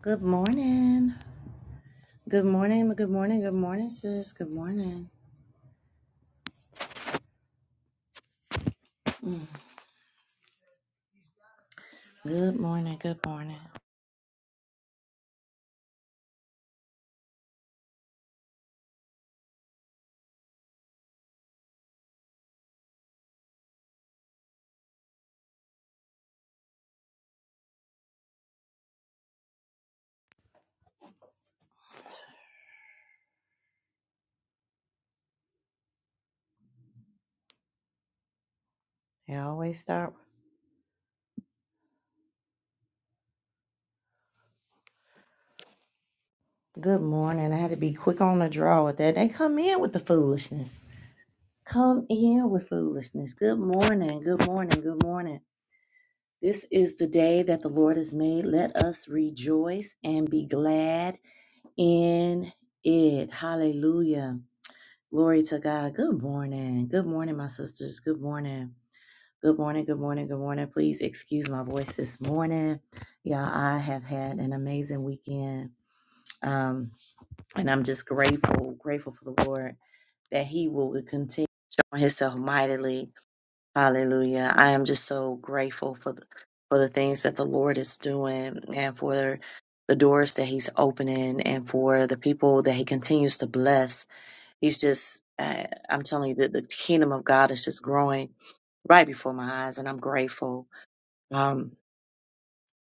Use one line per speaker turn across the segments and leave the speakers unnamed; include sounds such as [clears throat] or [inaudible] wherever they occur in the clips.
Good morning. Good morning. Good morning. Good morning, sis. Good morning. Good morning. Good morning. They always start. Good morning. I had to be quick on the draw with that. They come in with the foolishness. Come in with foolishness. Good morning. Good morning. Good morning. This is the day that the Lord has made. Let us rejoice and be glad in it. Hallelujah. Glory to God. Good morning. Good morning, my sisters. Good morning. Good morning, good morning, good morning. Please excuse my voice this morning. Y'all, I have had an amazing weekend. Um, and I'm just grateful, grateful for the Lord that He will continue showing Himself mightily. Hallelujah. I am just so grateful for the, for the things that the Lord is doing and for the doors that He's opening and for the people that He continues to bless. He's just, uh, I'm telling you, that the kingdom of God is just growing right before my eyes, and I'm grateful. Um,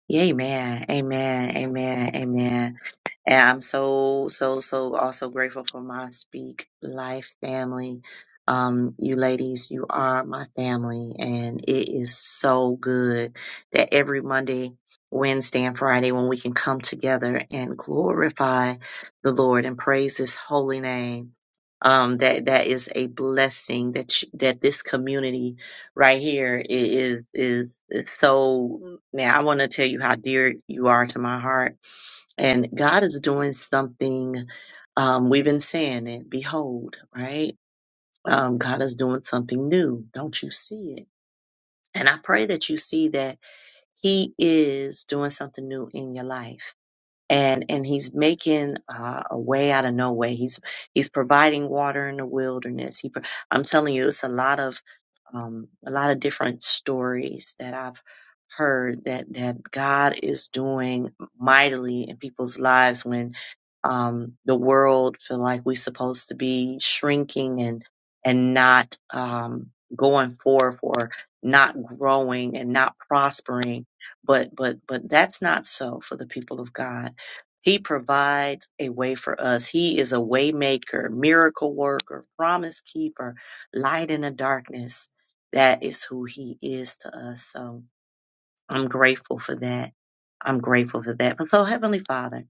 yeah, amen, amen, amen, amen. And I'm so, so, so also grateful for my Speak Life family. Um, you ladies, you are my family, and it is so good that every Monday, Wednesday, and Friday, when we can come together and glorify the Lord and praise His holy name. Um, that that is a blessing that sh- that this community right here i- is is, is so. Man, I want to tell you how dear you are to my heart and God is doing something, um, we've been saying it, behold, right? Um, God is doing something new. Don't you see it? And I pray that you see that He is doing something new in your life and and he's making uh, a way out of no way. He's he's providing water in the wilderness. He, pro- I'm telling you, it's a lot of um, a lot of different stories that I've heard that that God is doing mightily in people's lives when um, the world feel like we're supposed to be shrinking and and not um, going forth or not growing and not prospering but but but that's not so for the people of God he provides a way for us. He is a waymaker, miracle worker, promise keeper, light in the darkness. That is who he is to us. So I'm grateful for that. I'm grateful for that. But so Heavenly Father,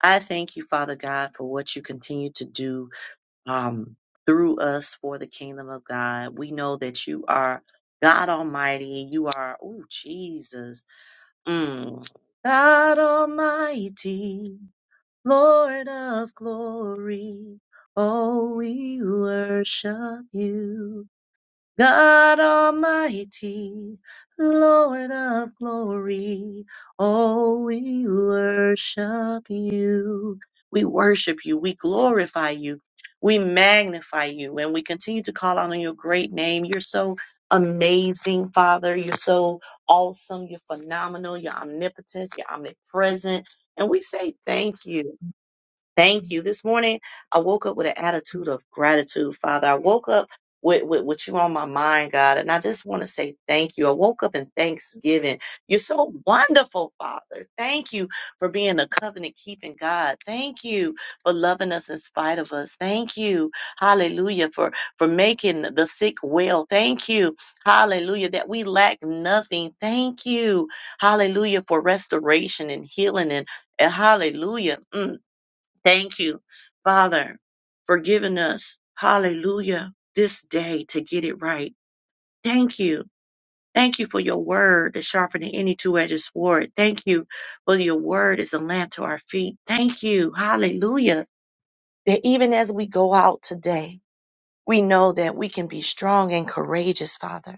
I thank you, Father God, for what you continue to do um, through us for the kingdom of God. We know that you are God Almighty. You are, oh Jesus, Mm. God Almighty. Lord of glory, oh, we worship you. God Almighty, Lord of glory, oh, we worship you. We worship you, we glorify you, we magnify you, and we continue to call out on your great name. You're so amazing, Father. You're so awesome, you're phenomenal, you're omnipotent, you're omnipresent. And we say thank you. Thank you. This morning, I woke up with an attitude of gratitude, Father. I woke up with, with, with you on my mind, God, and I just want to say thank you. I woke up in thanksgiving. You're so wonderful, Father. Thank you for being a covenant keeping God. Thank you for loving us in spite of us. Thank you, hallelujah, for, for making the sick well. Thank you, hallelujah, that we lack nothing. Thank you, hallelujah, for restoration and healing and, and hallelujah. Mm Thank you, Father, for giving us, hallelujah, this day to get it right. Thank you. Thank you for your word that's sharper any two-edged sword. Thank you for your word is a lamp to our feet. Thank you, hallelujah, that even as we go out today, we know that we can be strong and courageous, Father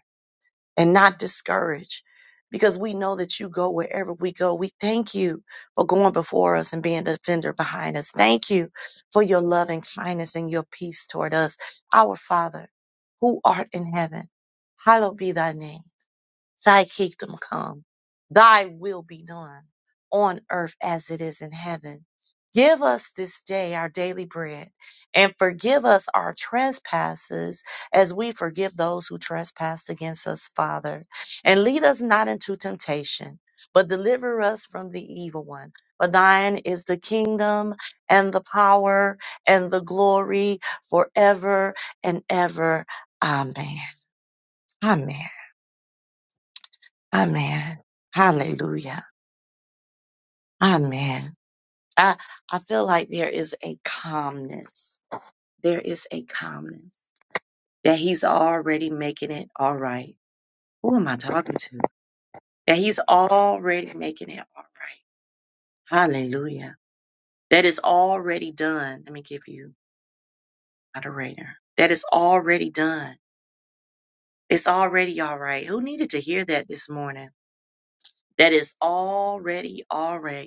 and not discouraged because we know that you go wherever we go. We thank you for going before us and being the defender behind us. Thank you for your love and kindness and your peace toward us. Our Father, who art in heaven, hallowed be thy name. Thy kingdom come, thy will be done on earth as it is in heaven. Give us this day our daily bread and forgive us our trespasses as we forgive those who trespass against us, Father. And lead us not into temptation, but deliver us from the evil one. For thine is the kingdom and the power and the glory forever and ever. Amen. Amen. Amen. Hallelujah. Amen. I, I feel like there is a calmness. There is a calmness that he's already making it all right. Who am I talking to? That he's already making it all right. Hallelujah. That is already done. Let me give you moderator. That is already done. It's already all right. Who needed to hear that this morning? That is already all right.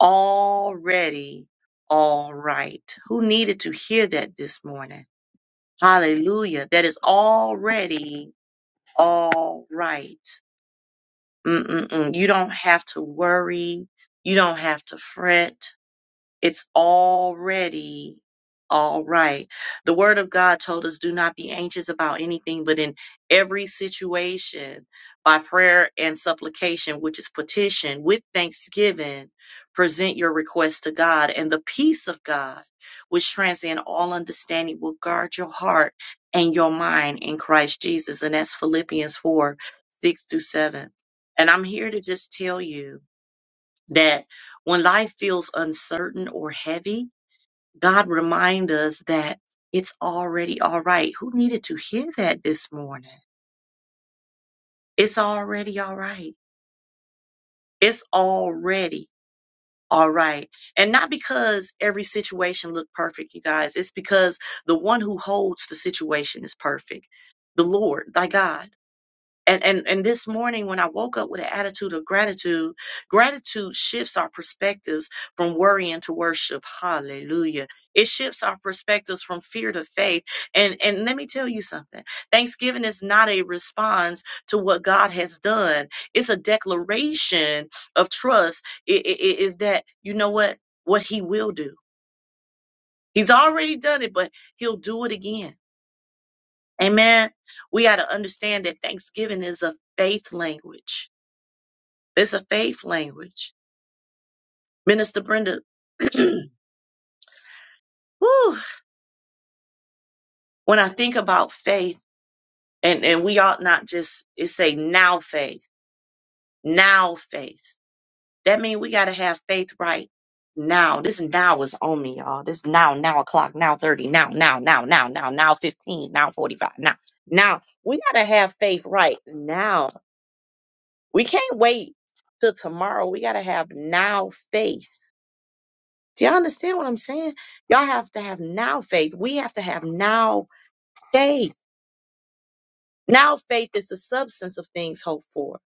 already all right. Who needed to hear that this morning? Hallelujah. That is already all right. Mm-mm-mm. You don't have to worry. You don't have to fret it's already all right. The word of God told us do not be anxious about anything, but in every situation, by prayer and supplication, which is petition, with thanksgiving, present your request to God, and the peace of God, which transcends all understanding, will guard your heart and your mind in Christ Jesus. And that's Philippians 4 6 through 7. And I'm here to just tell you that when life feels uncertain or heavy, God remind us that it's already all right. Who needed to hear that this morning? It's already all right. It's already all right. And not because every situation looked perfect, you guys. It's because the one who holds the situation is perfect. The Lord, thy God. and and and this morning when i woke up with an attitude of gratitude gratitude shifts our perspectives from worrying to worship hallelujah it shifts our perspectives from fear to faith and and let me tell you something thanksgiving is not a response to what god has done it's a declaration of trust it it- it is that you know what what he will do he's already done it but he'll do it again amen we got to understand that thanksgiving is a faith language It's a faith language. Minister Brenda, [clears throat] whew, when I think about faith, and, and we ought not just it say now faith, now faith. That means we got to have faith right now. This now is on me, y'all. This now, now o'clock, now 30, now, now, now, now, now, now 15, now 45, now. Now, we got to have faith right now. We can't wait till tomorrow. We got to have now faith Do y'all understand what I'm saying? Y'all have to have now faith. We have to have now faith. Now faith is the substance of things hoped for,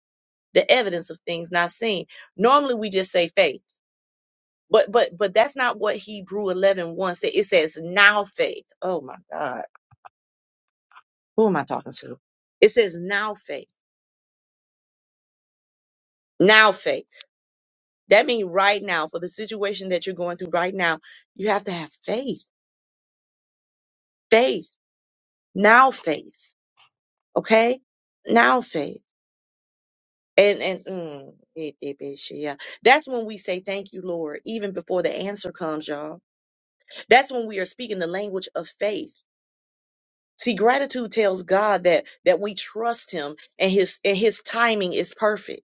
the evidence of things not seen. Normally we just say faith, but but but that's not what Hebrew eleven one said. It says now faith. Oh my God, who am I talking to? It says now faith. Now faith. That means right now for the situation that you're going through right now, you have to have faith. Faith. Now faith. Okay? Now faith. And and mm, it did be shit, yeah. That's when we say thank you, Lord, even before the answer comes, y'all. That's when we are speaking the language of faith. See, gratitude tells God that that we trust Him and His and His timing is perfect.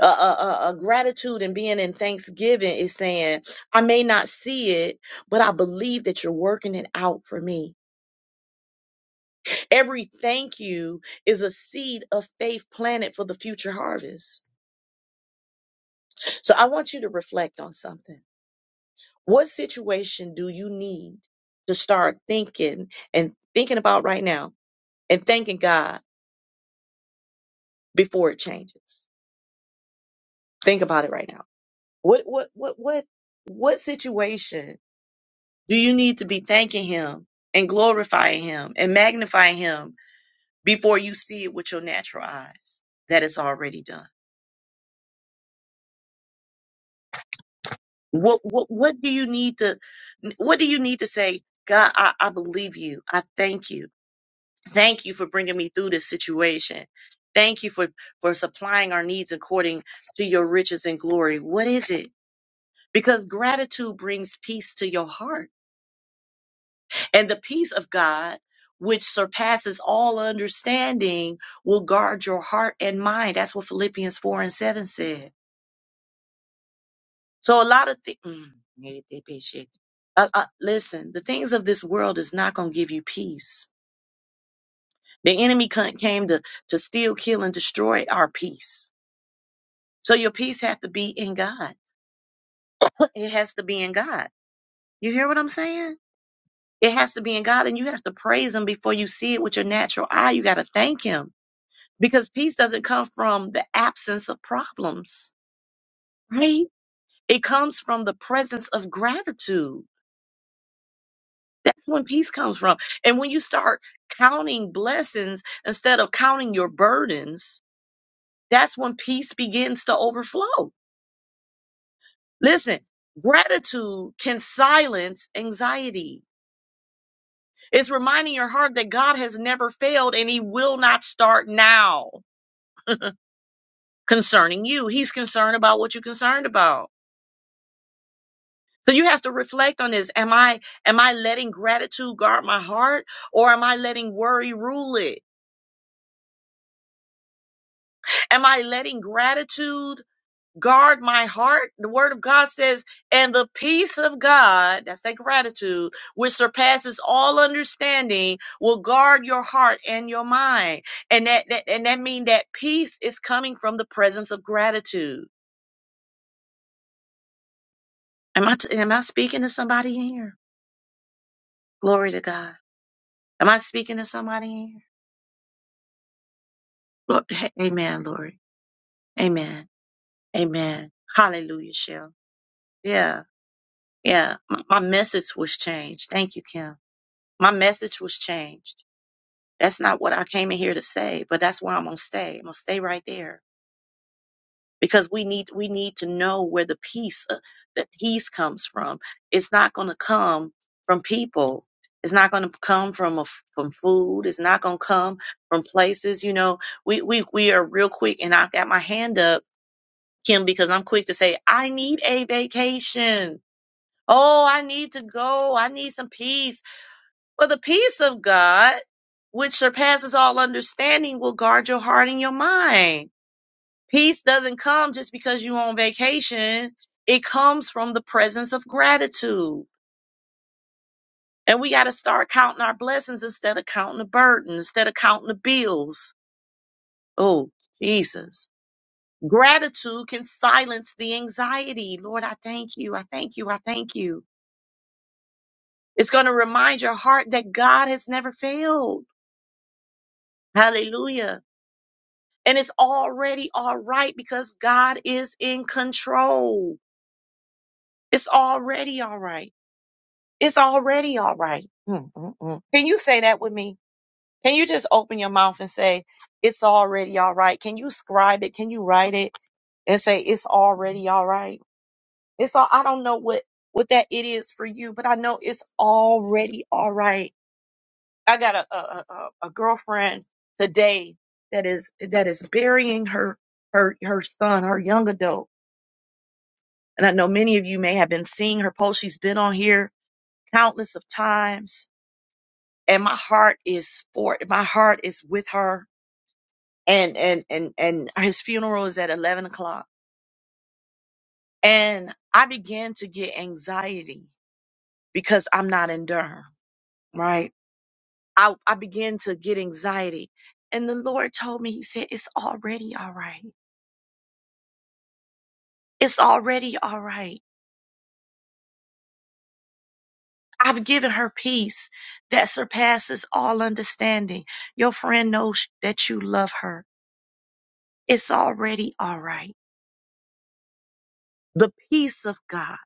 Uh, uh, uh, uh, gratitude and being in thanksgiving is saying, I may not see it, but I believe that you're working it out for me. Every thank you is a seed of faith planted for the future harvest. So I want you to reflect on something. What situation do you need to start thinking and thinking about right now and thanking God before it changes? Think about it right now. What what what what what situation do you need to be thanking him and glorifying him and magnifying him before you see it with your natural eyes that it's already done? What what what do you need to what do you need to say, God, I, I believe you. I thank you. Thank you for bringing me through this situation. Thank you for, for supplying our needs according to your riches and glory. What is it? Because gratitude brings peace to your heart. And the peace of God, which surpasses all understanding, will guard your heart and mind. That's what Philippians 4 and 7 said. So a lot of things. Uh, uh, listen, the things of this world is not going to give you peace. The enemy c- came to, to steal, kill, and destroy our peace. So your peace has to be in God. It has to be in God. You hear what I'm saying? It has to be in God, and you have to praise Him before you see it with your natural eye. You got to thank Him because peace doesn't come from the absence of problems, right? It comes from the presence of gratitude. That's when peace comes from. And when you start counting blessings instead of counting your burdens, that's when peace begins to overflow. Listen, gratitude can silence anxiety It's reminding your heart that God has never failed and he will not start now [laughs] concerning you. He's concerned about what you're concerned about. So you have to reflect on this. Am I am I letting gratitude guard my heart or am I letting worry rule it? Am I letting gratitude guard my heart. The word of God says, and the peace of God, that's that gratitude, which surpasses all understanding, will guard your heart and your mind. And that, that and that means that peace is coming from the presence of gratitude. Am I t- am I speaking to somebody here? Glory to God. Am I speaking to somebody here? Look, h- amen, Lori. Amen. Amen. Hallelujah, Shell. Yeah. Yeah. M- my message was changed. Thank you, Kim. My message was changed That's not what I came in here to say, but that's where I'm gonna stay. I'm gonna stay right there because we need we need to know where the peace uh, the peace comes from. It's not gonna come from people. It's not gonna come from a, f- from food. It's not gonna come from places. You know, we we we are real quick, and I've got my hand up, Kim, because I'm quick to say I need a vacation. Oh, I need to go. I need some peace. Well, the peace of God, which surpasses all understanding, will guard your heart and your mind. Peace doesn't come just because you're on vacation. It comes from the presence of gratitude. And we got to start counting our blessings instead of counting the burden, instead of counting the bills. Oh, Jesus. Gratitude can silence the anxiety. Lord, I thank you. I thank you. I thank you. It's going to remind your heart that God has never failed. Hallelujah And it's already all right because God is in control. It's already all right. It's already all right. Mm, mm, mm. Can you say that with me? Can you just open your mouth and say, It's already all right? Can you scribe it? Can you write it and say, It's already all right? It's all, I don't know what, what that it is for you, but I know it's already all right. I got a, a, a, a a girlfriend today that is, that is burying her, her, her son, her young adult And I know many of you may have been seeing her post. She's been on here countless of times. And my heart is for my heart is with her. And and and and his funeral is at eleven o'clock. And I began to get anxiety because I'm not in Durham, right? I, I began to get anxiety. And the Lord told me, He said, It's already all right. It's already all right. I've given her peace that surpasses all understanding. Your friend knows that you love her. It's already all right. The peace of God,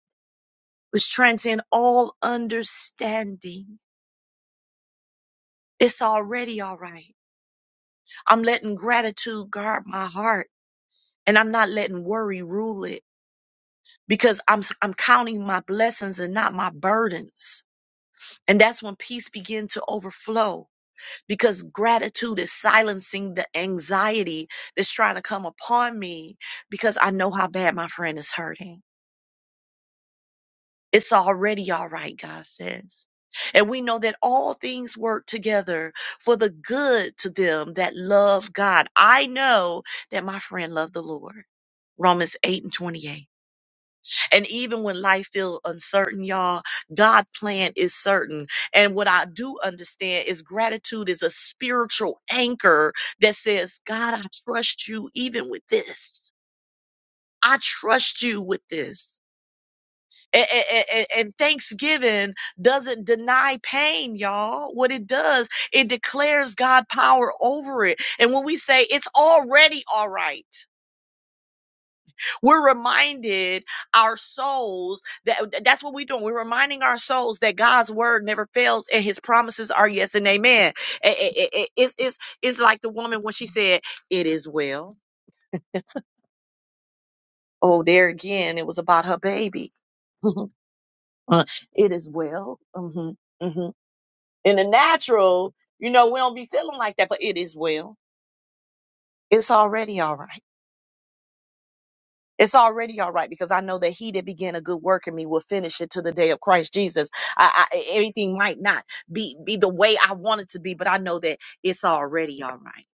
which transcends all understanding, it's already all right. I'm letting gratitude guard my heart and I'm not letting worry rule it because I'm, I'm counting my blessings and not my burdens. And that's when peace begins to overflow because gratitude is silencing the anxiety that's trying to come upon me because I know how bad my friend is hurting. It's already all right, God says. And we know that all things work together for the good to them that love God. I know that my friend loved the Lord. Romans 8 and 28. And even when life feels uncertain, y'all, God' plan is certain. And what I do understand is gratitude is a spiritual anchor that says, God, I trust you even with this. I trust you with this. A- a- a- a- And thanksgiving doesn't deny pain, y'all. What it does, it declares God power over it. And when we say it's already all right, We're reminded our souls that that's what we're doing. We're reminding our souls that God's word never fails and his promises are yes and amen. Eh, eh, eh, eh, It's, it's, it's like the woman when she said, It is well. [laughs] Oh, there again, it was about her baby. [laughs] Uh, it is well. hmm hmm In the natural, you know, we don't be feeling like that, but it is well. It's already all right It's already all right because I know that he that began a good work in me will finish it to the day of Christ Jesus. I, I, everything might not be, be the way I want it to be, but I know that it's already all right.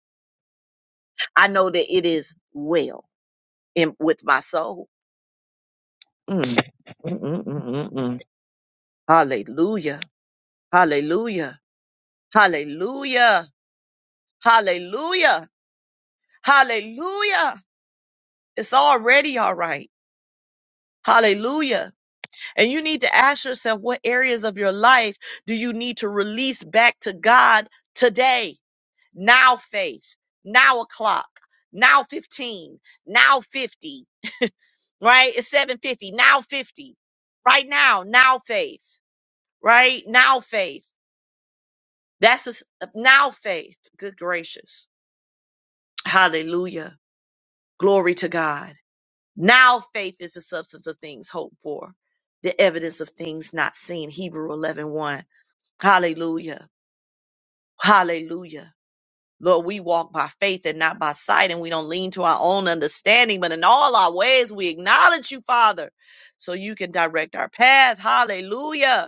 I know that it is well in, with my soul. Mm. Mm, mm, mm, mm, mm. Hallelujah. Hallelujah. Hallelujah. Hallelujah. Hallelujah. It's already all right. Hallelujah. And you need to ask yourself what areas of your life do you need to release back to God today? Now faith, now o'clock, now 15, now 50, right? It's 750, now 50, right now, now faith, right? Now faith. That's a s- now faith. Good gracious. Hallelujah. Glory to God. Now faith is the substance of things hoped for, the evidence of things not seen. Hebrew 11 Hallelujah. Hallelujah. Lord, we walk by faith and not by sight, and we don't lean to our own understanding, but in all our ways we acknowledge you, Father, so you can direct our path. Hallelujah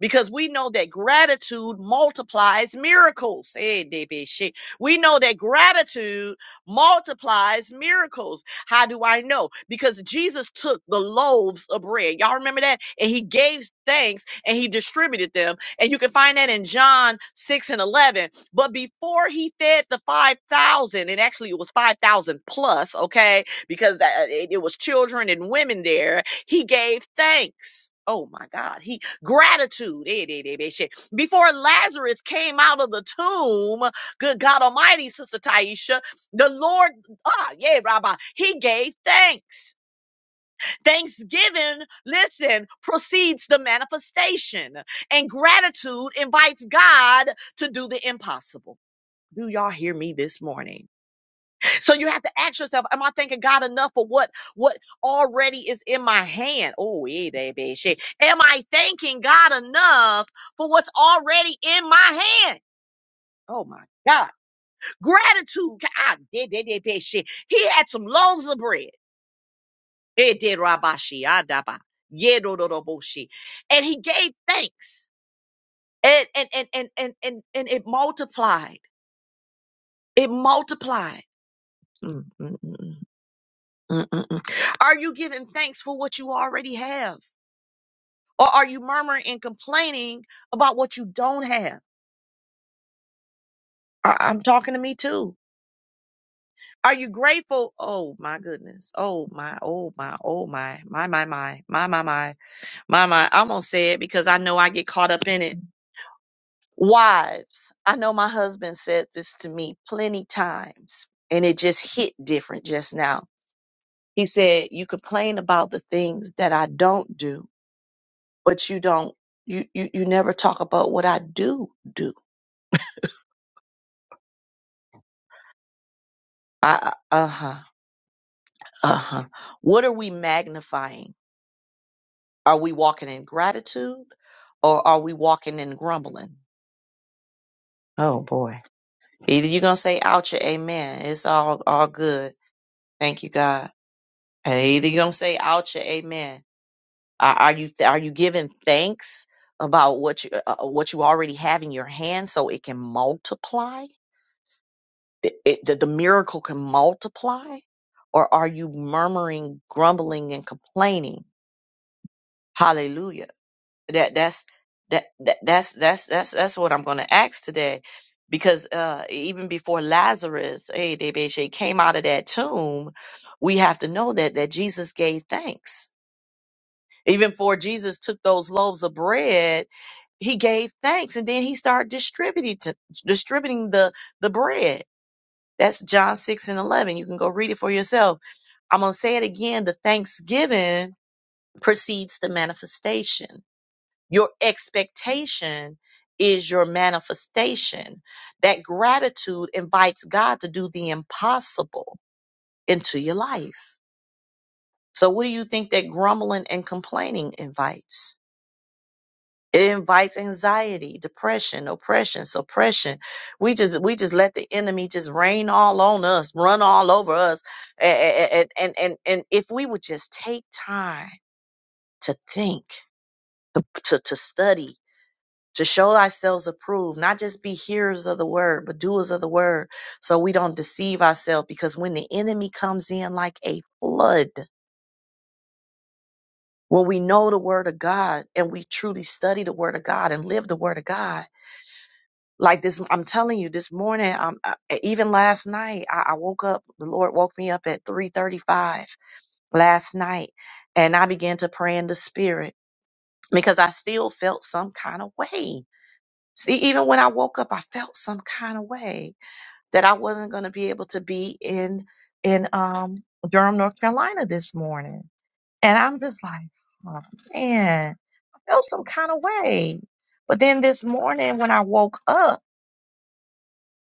because we know that gratitude multiplies miracles. Hey, David, shit. We know that gratitude multiplies miracles. How do I know? Because Jesus took the loaves of bread. Y'all remember that? And he gave thanks and he distributed them. And you can find that in John 6 and 11. But before he fed the 5,000, and actually it was 5,000 plus, okay, because uh, it it was children and women there, he gave thanks. Oh my God. He. Gratitude. Eh, eh, eh, eh, shit. Before Lazarus came out of the tomb, good God Almighty, Sister Taisha, the Lord, ah, yeah, Rabbi, he gave thanks. Thanksgiving, listen, precedes the manifestation, and gratitude invites God to do the impossible. Do y'all hear me this morning? So you have to ask yourself, am I thanking God enough for what what already is in my hand? Oh, yeah, baby shit. Am I thanking God enough for what's already in my hand? Oh my God. Gratitude. Ca- I did did did did shit. He had some loaves of bread. It did rabashi adaba. Yedododoboshi. And he gave thanks. And and and and and and, and it multiplied. It multiplied. Mm, mm, mm, mm. Mm-mm-mm. Are you giving thanks for what you already have? Or are you murmuring and complaining about what you don't have? I- I'm talking to me too. Are you grateful? Oh my goodness. Oh my, oh my, oh my, my, my, my, my, my, my, my, my. I'm going to say it because I know I get caught up in it. Wives, I know my husband said this to me plenty times and it just hit different just now. He said, You complain about the things that I don't do but you don't you you, you never talk about what i do do I, I- uh-huh uh-huh what are we magnifying are we walking in gratitude or are we walking in grumbling oh boy either you're gonna say ouch or amen it's all all good thank you god and either you're gonna say ouch or amen are, are you are you giving thanks about what you uh, uh, what you already have in your hand so it can multiply th- it, that the miracle can multiply? Or are you murmuring, grumbling, and complaining? Hallelujah. That that's that, that that's that's that's that's what I'm going to ask today, because uh, even before Lazarus, hey, Debeshe came out of that tomb, we have to know that that Jesus gave thanks. Even before Jesus took those loaves of bread, he gave thanks, and then he started distributing to, distributing the the bread that's John 6 and 11. You can go read it for yourself. I'm going to say it again. The thanksgiving precedes the manifestation. Your expectation is your manifestation. That gratitude invites God to do the impossible into your life. So, what do you think that grumbling and complaining invites? It invites anxiety, depression, oppression, suppression. We just we just let the enemy just rain all on us, run all over us. A- a- a- And and and, and if we would just take time to think, to, to to study, to show ourselves approved, not just be hearers of the word, but doers of the word, so we don't deceive ourselves. Because when the enemy comes in like a flood, when we know the word of God and we truly study the word of God and live the word of God like this i'm telling you this morning um, I, e, even last night I, I woke up the lord woke me up at 3.35 last night and i began to pray in the spirit because i still felt some kind of way see even when i woke up i felt some kind of way that i wasn't going to be able to be in in um durham north carolina this morning and i'm just like oh, man i felt some kind of way but then this morning when i woke up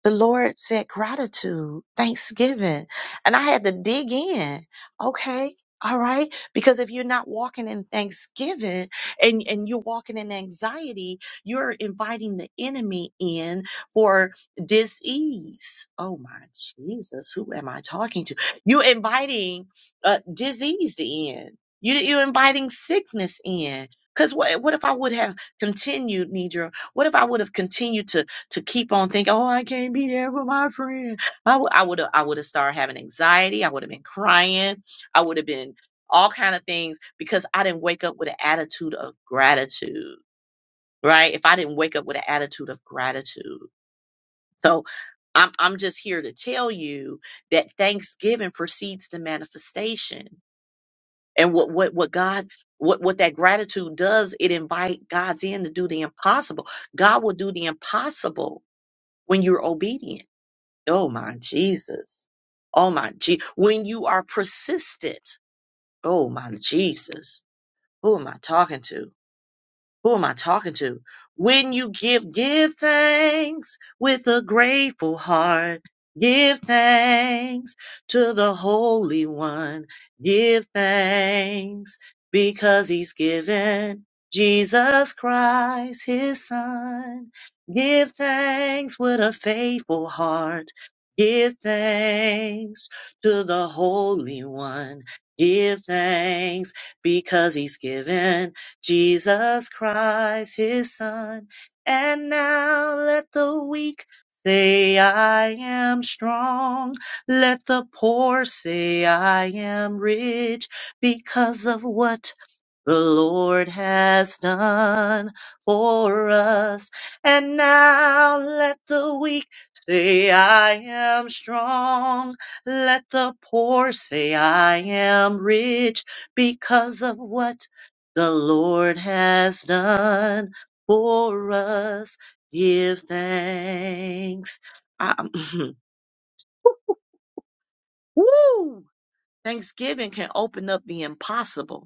the Lord said gratitude, thanksgiving. And I had to dig in. Okay. All right. Because if you're not walking in thanksgiving and, and you're walking in anxiety, you're inviting the enemy in for disease. Oh my Jesus. Who am I talking to? You're inviting uh, disease in. You, you're inviting sickness in. Because what, what if I would have continued, Nidra? What if I would have continued to to keep on thinking, oh, I can't be there with my friend. I would have I would have started having anxiety. I would have been crying. I would have been all kind of things because I didn't wake up with an attitude of gratitude, right? If I didn't wake up with an attitude of gratitude. So I'm I'm just here to tell you that thanksgiving precedes the manifestation. And what what what God what what that gratitude does, it invite God's in to do the impossible. God will do the impossible when you're obedient. Oh my Jesus. Oh my G. When you are persistent. Oh my Jesus. Who am I talking to? Who am I talking to? When you give, give thanks with a grateful heart. Give thanks to the Holy One. Give thanks because He's given Jesus Christ, His Son. Give thanks with a faithful heart. Give thanks to the Holy One. Give thanks because He's given Jesus Christ, his son. And now let the weak say, I am strong. Let the poor say, I am rich because of what the Lord has done for us. And now let the weak say, I am strong. Let the poor say, I am rich because of what the Lord has done for us. Give thanks. Um, [laughs] [clears throat] woo! Thanksgiving can open up the impossible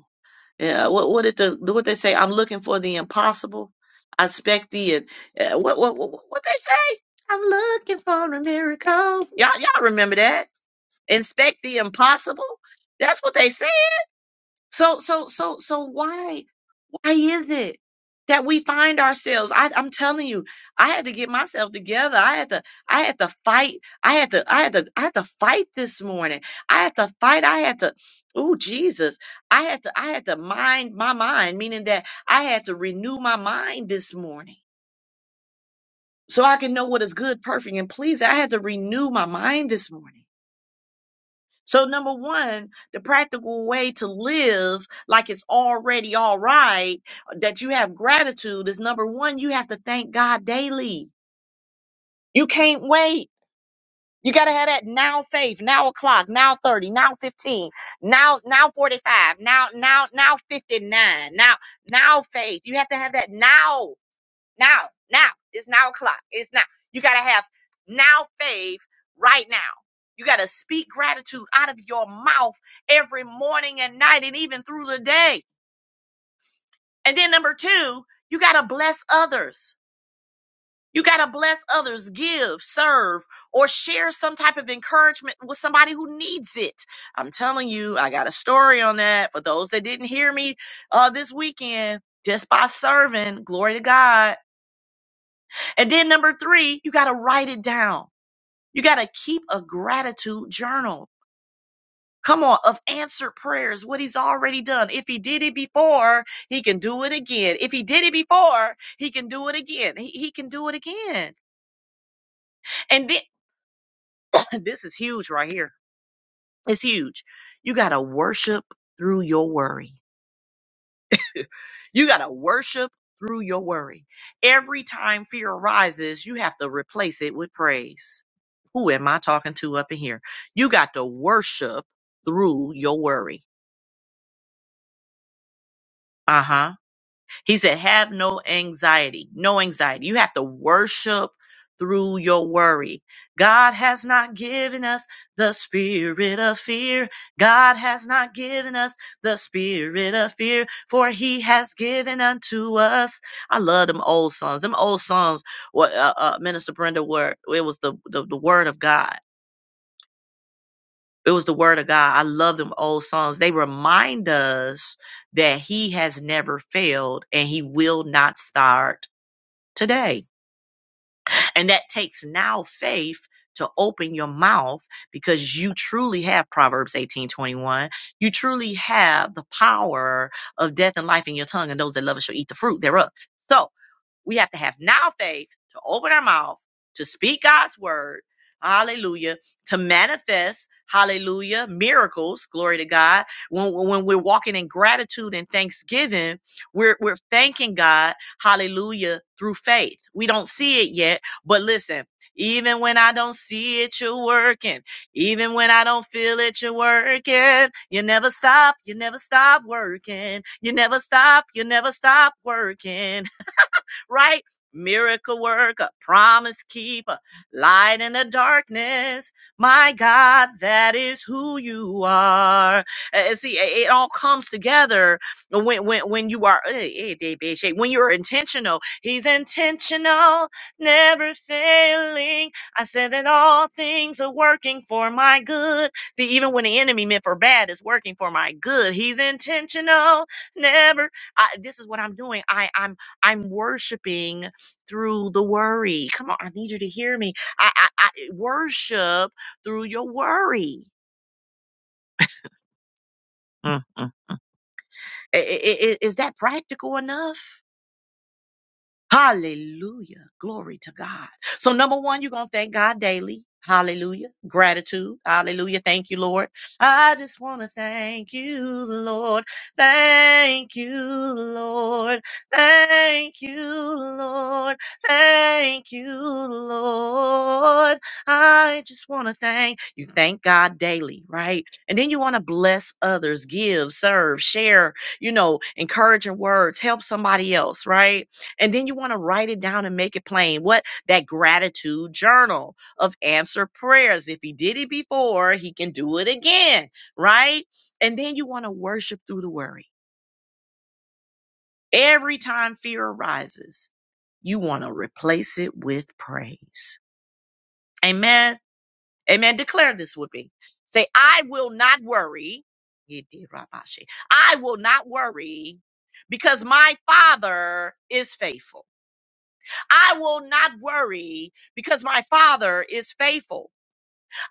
yeah, what what did the what they say? I'm looking for the impossible. I expect the uh, what what what what they say? I'm looking for a miracle. Y'all y'all remember that? Inspect the impossible. That's what they said. So so so so why? Why is it that we find ourselves? I, I'm telling you, I had to get myself together. I had to, I had to fight. I had to, I had to, I had to fight this morning. I had to fight. I had to, oh Jesus, I had to, I had to mind my mind, meaning that I had to renew my mind this morning so I can know what is good, perfect, and pleasing. I had to renew my mind this morning. So, number one, the practical way to live like it's already all right, uh, that you have gratitude is number one, you have to thank God daily. You can't wait. You got to have that now faith, now o'clock, now 30, now 15, now, now 45, now, now, now 59, now, now faith. You have to have that now. Now, now. It's now o'clock. It's now. You got to have now faith right now. You got to speak gratitude out of your mouth every morning and night and even through the day. And then number two, you got to bless others. You got to bless others, give, serve, or share some type of encouragement with somebody who needs it. I'm telling you, I got a story on that. For those that didn't hear me uh, this weekend, just by serving, glory to God And then number three, you got to write it down. You got to keep a gratitude journal. Come on, of answered prayers, what he's already done. If he did it before, he can do it again. If he did it before, he can do it again. He, he can do it again. And then, [clears throat] this is huge right here. It's huge. You got to worship through your worry. [laughs] You got to worship through your worry. Every time fear arises, you have to replace it with praise. Who am I talking to up in here? You got to worship through your worry. Uh huh He said, have no anxiety, no anxiety. You have to worship through your worry. God has not given us the spirit of fear. God has not given us the spirit of fear, for he has given unto us. I love them old songs. Them old songs, what uh, uh, Minister Brenda were, it was the, the, the word of God. It was the word of God. I love them old songs. They remind us that he has never failed and he will not start today. And that takes now faith to open your mouth because you truly have Proverbs 18 21. You truly have the power of death and life in your tongue, and those that love it shall eat the fruit thereof. So we have to have now faith to open our mouth, to speak God's word. Hallelujah. To manifest, hallelujah, miracles. Glory to God. When, when we're walking in gratitude and thanksgiving, we're, we're thanking God, hallelujah, through faith. We don't see it yet, but listen, even when I don't see it, you're working. Even when I don't feel it, you're working. You never stop, you never stop working. You never stop, you never stop working right? Miracle worker, promise keeper, light in the darkness. My God, that is who you are. Uh, see, it it all comes together when when when you are eh, eh, they be shake- when you're intentional. He's intentional, never failing. I said that all things are working for my good. See, even when the enemy meant for bad, it's working for my good. He's intentional, never. I, this is what I'm doing. I I'm. I'm worshiping through the worry. Come on, I need you to hear me. I, I, I eh, worship through your worry. Mm, mm. I- I- I- Is that practical enough? Hallelujah. Glory to God. So, number one, you're going to thank God daily. Hallelujah. Gratitude. Hallelujah. Thank you, Lord. I just want to thank you, Lord. Thank you, Lord. Thank you, Lord. Thank you, Lord. I just want to thank you. Thank God daily, right? And then you want to bless others, give, serve, share, you know, encouraging words, help somebody else, right? And then you want to write it down and make it plain. What? That gratitude journal of answer prayers. If he did it before, he can do it again, right? And then you want to worship through the worry. Every time fear arises, you want to replace it with praise. Amen. Amen. Declare this with me. Say, I will not worry. I will not worry because my father is faithful. I will not worry because my Father is faithful.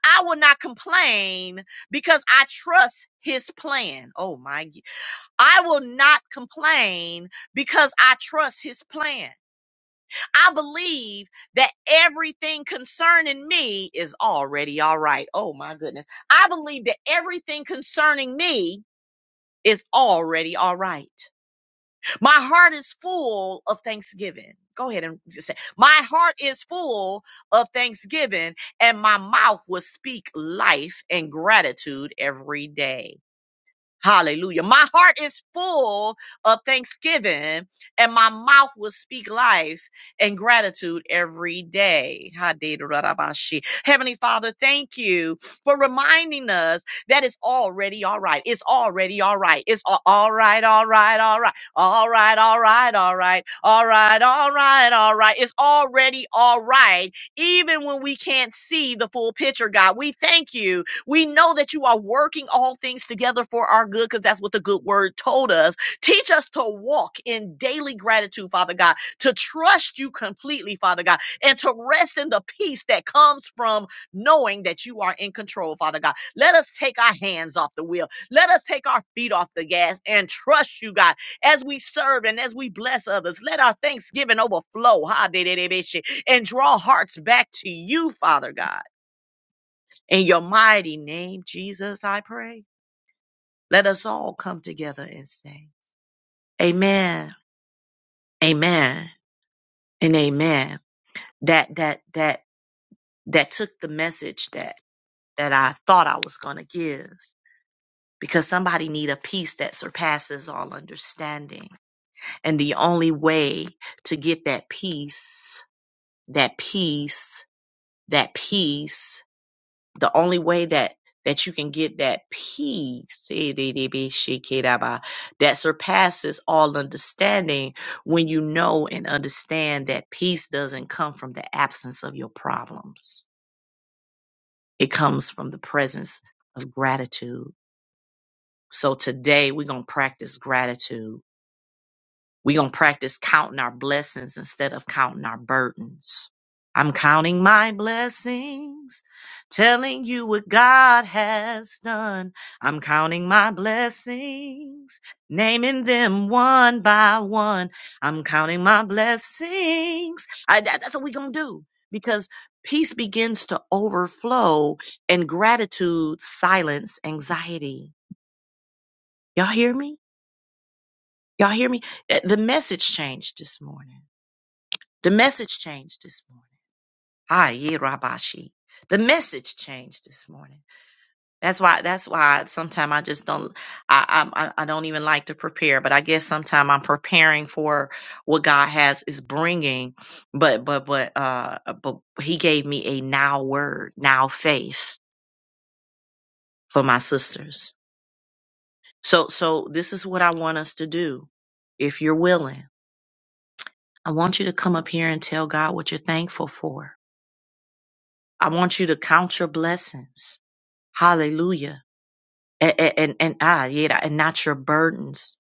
I will not complain because I trust his plan. Oh my. I will not complain because I trust his plan. I believe that everything concerning me is already all right. Oh my goodness. I believe that everything concerning me is already all right. My heart is full of thanksgiving. Go ahead and just say, My heart is full of thanksgiving, and my mouth will speak life and gratitude every day. Hallelujah. My heart is full of thanksgiving, and my mouth will speak life and gratitude every day. Hadirabashe. Heavenly Father, thank you for reminding us that it's already all right. It's already all right. It's a- all right, all right, all right, all right, all right, all right, all right, all right, all right. It's already all right, even when we can't see the full picture, God. We thank you we know that you are working all things together for our good because that's what the good word told us. Teach us to walk in daily gratitude, Father God, to trust you completely, Father God, and to rest in the peace that comes from knowing that you are in control, Father God. Let us take our hands off the wheel. Let us take our feet off the gas and trust you, God, as we serve and as we bless others. Let our thanksgiving overflow ha, de- de- de- be she, and draw hearts back to you, Father God. In your mighty name, Jesus, I pray. Let us all come together and say, Amen, Amen, and Amen. That that that that took the message that that I thought I was gonna give. Because somebody need a peace that surpasses all understanding. And the only way to get that peace, that peace, that peace the only way that that you can get that peace that surpasses all understanding when you know and understand that peace doesn't come from the absence of your problems it comes from the presence of gratitude so today we're going to practice gratitude We're going to practice counting our blessings instead of counting our burdens. I'm counting my blessings, telling you what God has done. I'm counting my blessings, naming them one by one. I'm counting my blessings. I, that- that's what we're going to do because peace begins to overflow and gratitude silence anxiety. Y'all hear me? Y'all hear me? Eh, The message changed this morning. The message changed this morning. Ah, yeah, Rabashi. The message changed this morning. That's why. That's why. Sometimes I just don't. I I I don't even like to prepare. But I guess sometimes I'm preparing for what God has is bringing. But but but uh. But He gave me a now word, now faith for my sisters. So so this is what I want us to do. If you're willing, I want you to come up here and tell God what you're thankful for. I want you to count your blessings. Hallelujah. And and, and, ah yeah, and not your burdens.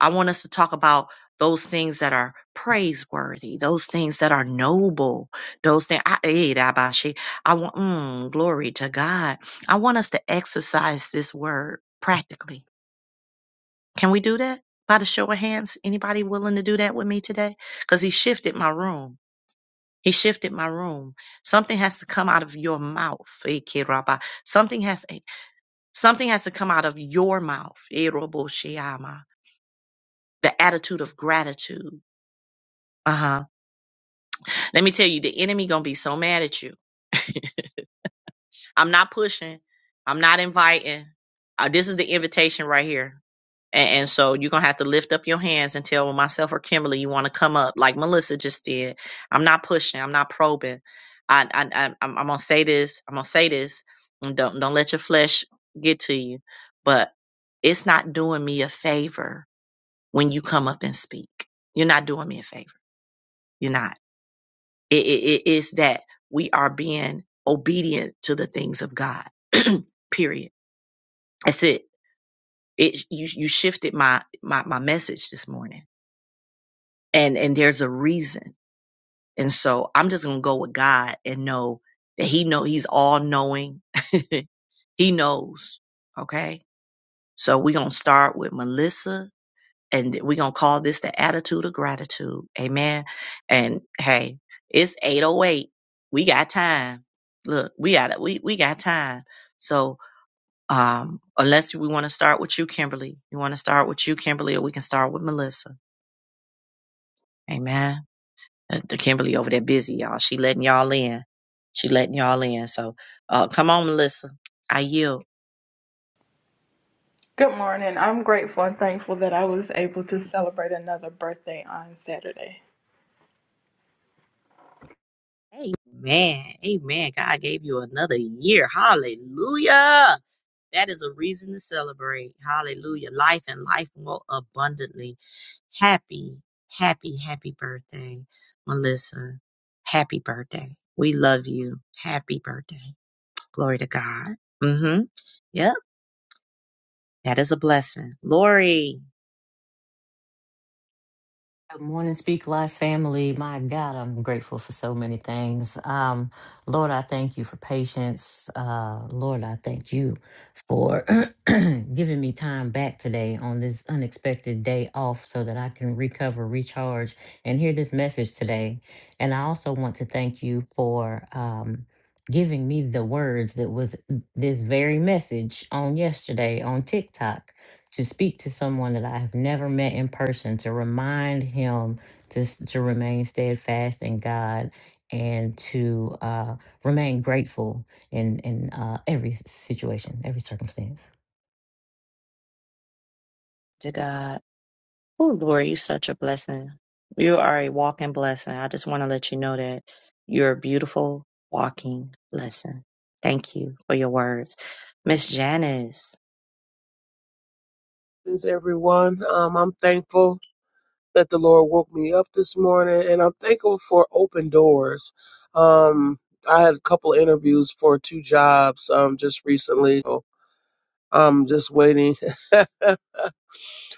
I want us to talk about those things that are praiseworthy, those things that are noble, those things. I, eh, da ba shi. I want mm, glory to God. I want us to exercise this word practically. Can we do that? By the show of hands, anybody willing to do that with me today? Because he shifted my room. He shifted my room. Something has to come out of your mouth. Eh, ki ra ba. Something has. eh, Something has to come out of your mouth. Erobosheama. The attitude of gratitude. Uh huh. Let me tell you, the enemy gonna be so mad at you. [laughs] I'm not pushing. I'm not inviting. Uh, this is the invitation right here. And, and so you're gonna have to lift up your hands and tell myself or Kimberly you want to come up, like Melissa just did. I'm not pushing. I'm not probing. I, I, I I'm, I'm gonna say this. I'm gonna say this. and Don't don't let your flesh get to you. But it's not doing me a favor when you come up and speak. You're not doing me a favor. You're not. It, it, it is that we are being obedient to the things of God. [clears throat] Period. That's it. It you you shifted my my my message this morning, and and there's a reason. And so I'm just gonna go with God and know that He know He's all knowing. [laughs] he knows. Okay. So we're gonna start with Melissa and we're gonna call this the attitude of gratitude. Amen. And hey, it's 808. We got time. Look, we got we we got time. So um unless we want to start with you, Kimberly. You want to start with you, Kimberly, or we can start with Melissa. Amen. Uh, The Kimberly over there busy, y'all. She letting y'all in. She letting y'all in. So uh come on, Melissa. I yield.
Good morning. I'm grateful and thankful that I was able to celebrate another birthday on Saturday.
Amen. Amen. God gave you another year. Hallelujah. That is a reason to celebrate. Hallelujah. Life and life more abundantly. Happy, happy, happy birthday, Melissa. Happy birthday. We love you. Happy birthday. Glory to God. Mm-hmm. Yep. That is a blessing. Lori
Good morning, Speak Life family. My God, I'm grateful for so many things. Um, Lord, I thank you for patience. Uh, Lord, I thank you for [clears throat] giving me time back today on this unexpected day off so that I can recover, recharge, and hear this message today. And I also want to thank you for um, giving me the words that was this very message on yesterday on TikTok to speak to someone that I have never met in person, to remind him to, s- to remain steadfast in God and to uh, remain grateful in, in uh, every situation, every circumstance.
to God. Oh, Lori, you're such a blessing. You are a walking blessing. I just want to let you know that you're a beautiful walking blessing. Thank you for your words. Miss Janice.
Greetings, everyone. Um, I'm thankful that the Lord woke me up this morning, and I'm thankful for open doors. Um, I had a couple interviews for two jobs um, just recently. So I'm just waiting [laughs]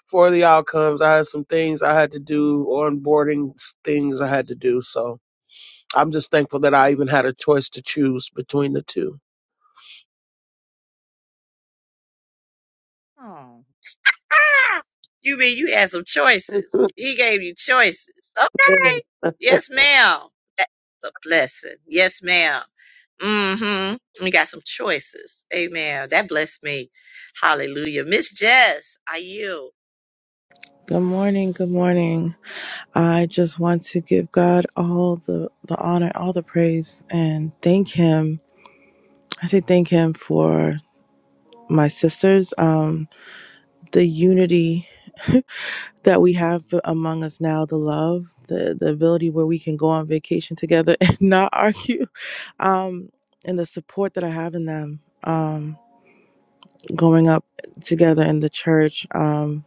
for the outcomes. I had some things I had to do, onboarding s- things I had to do. So I'm just thankful that I even had a choice to choose between the two.
Oh. You mean you had some choices?
[laughs]
He gave you choices. Okay. Yes, ma'am. That's a blessing. Yes, ma'am. Mm-hmm. We got some choices. Amen. That blessed me. Hallelujah. Miss Jess, are you?
Good morning, good morning. I just want to give God all the, the honor, all the praise, and thank Him. I say thank Him for my sisters, um, the unity [laughs] that we have among us now, the love, the, the ability where we can go on vacation together [laughs] and not argue, um, and the support that I have in them um, growing up together in the church um,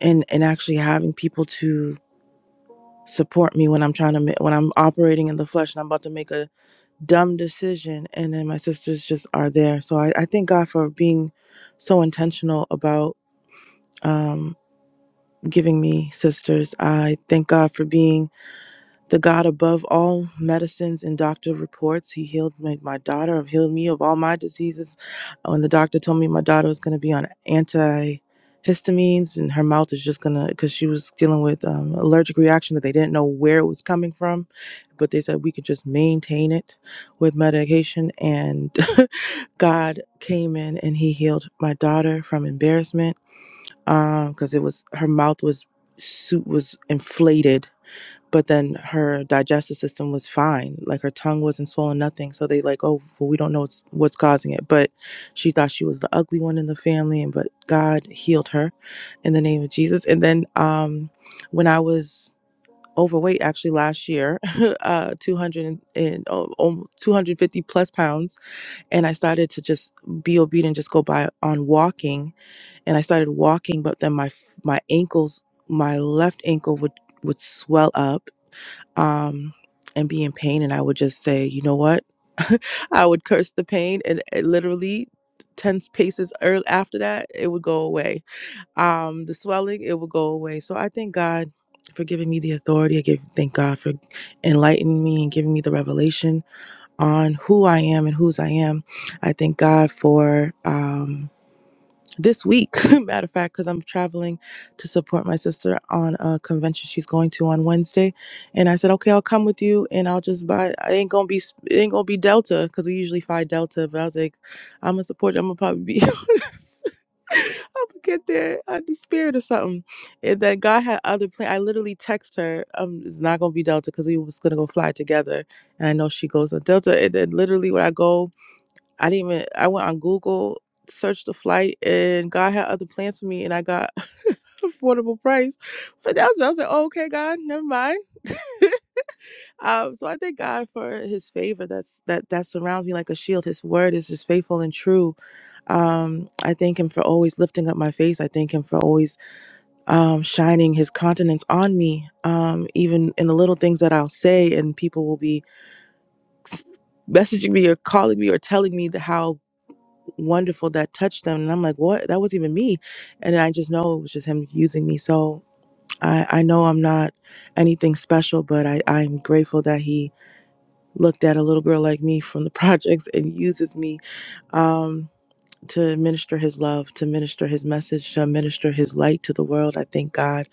and, and actually having people to support me when I'm trying to ma- when I'm operating in the flesh and I'm about to make a dumb decision, and then my sisters just are there. So I, I thank God for being so intentional about um, giving me sisters. I thank God for being the God above all medicines and doctor reports, He healed my, my daughter, healed me of all my diseases. When the doctor told me my daughter was going to be on antihistamines and her mouth is just going to, because she was dealing with um, allergic reaction that they didn't know where it was coming from, but they said we could just maintain it with medication. And [laughs] God came in and He healed my daughter from embarrassment because it was her mouth was suit was inflated but then her digestive system was fine like her tongue wasn't swollen nothing so they like oh well we don't know what's, what's causing it but she thought she was the ugly one in the family and but god healed her in the name of jesus and then um when i was overweight actually last year [laughs] uh 200 and oh, oh, 250 plus pounds and i started to just be obedient just go by on walking and i started walking but then my my ankles my left ankle would would swell up um, and be in pain. And I would just say, you know what? [laughs] I would curse the pain, and it literally, 10 paces early after that, it would go away. Um, the swelling, it would go away. So I thank God for giving me the authority. I give thank God for enlightening me and giving me the revelation on who I am and whose I am. I thank God for. Um, this week, [laughs] matter of fact, because I'm traveling to support my sister on a convention she's going to on Wednesday, and I said, okay, I'll come with you, and I'll just buy. I ain't gonna be, s- it ain't gonna be Delta because we usually fly Delta, but I was like, I'm gonna support. you. I'm gonna probably be. [laughs] I'm gonna get there on the spirit or something. And then God had other plan. I literally text her, um, it's not gonna be Delta because we was gonna go fly together, and I know she goes on Delta, and then literally when I go. I didn't even I went on Google, searched the flight, and God had other plans for me, and I got [laughs] affordable price. But that was, I was like, oh, okay, God, never mind. Um, so I thank God for His favor that's that that surrounds me like a shield. His word is just faithful and true. Um, I thank Him for always lifting up my face. I thank Him for always um, shining His countenance on me, um, even in the little things that I'll say, and people will be messaging me or calling me or telling me the how wonderful that touched them. And I'm like, what? That was even me. And I just know it was just him using me. So I, I know I'm not anything special, but I, I'm grateful that he looked at a little girl like me from the [laughs] projects and uses me um, to minister his love, to minister his message, to minister his light to the world. I thank God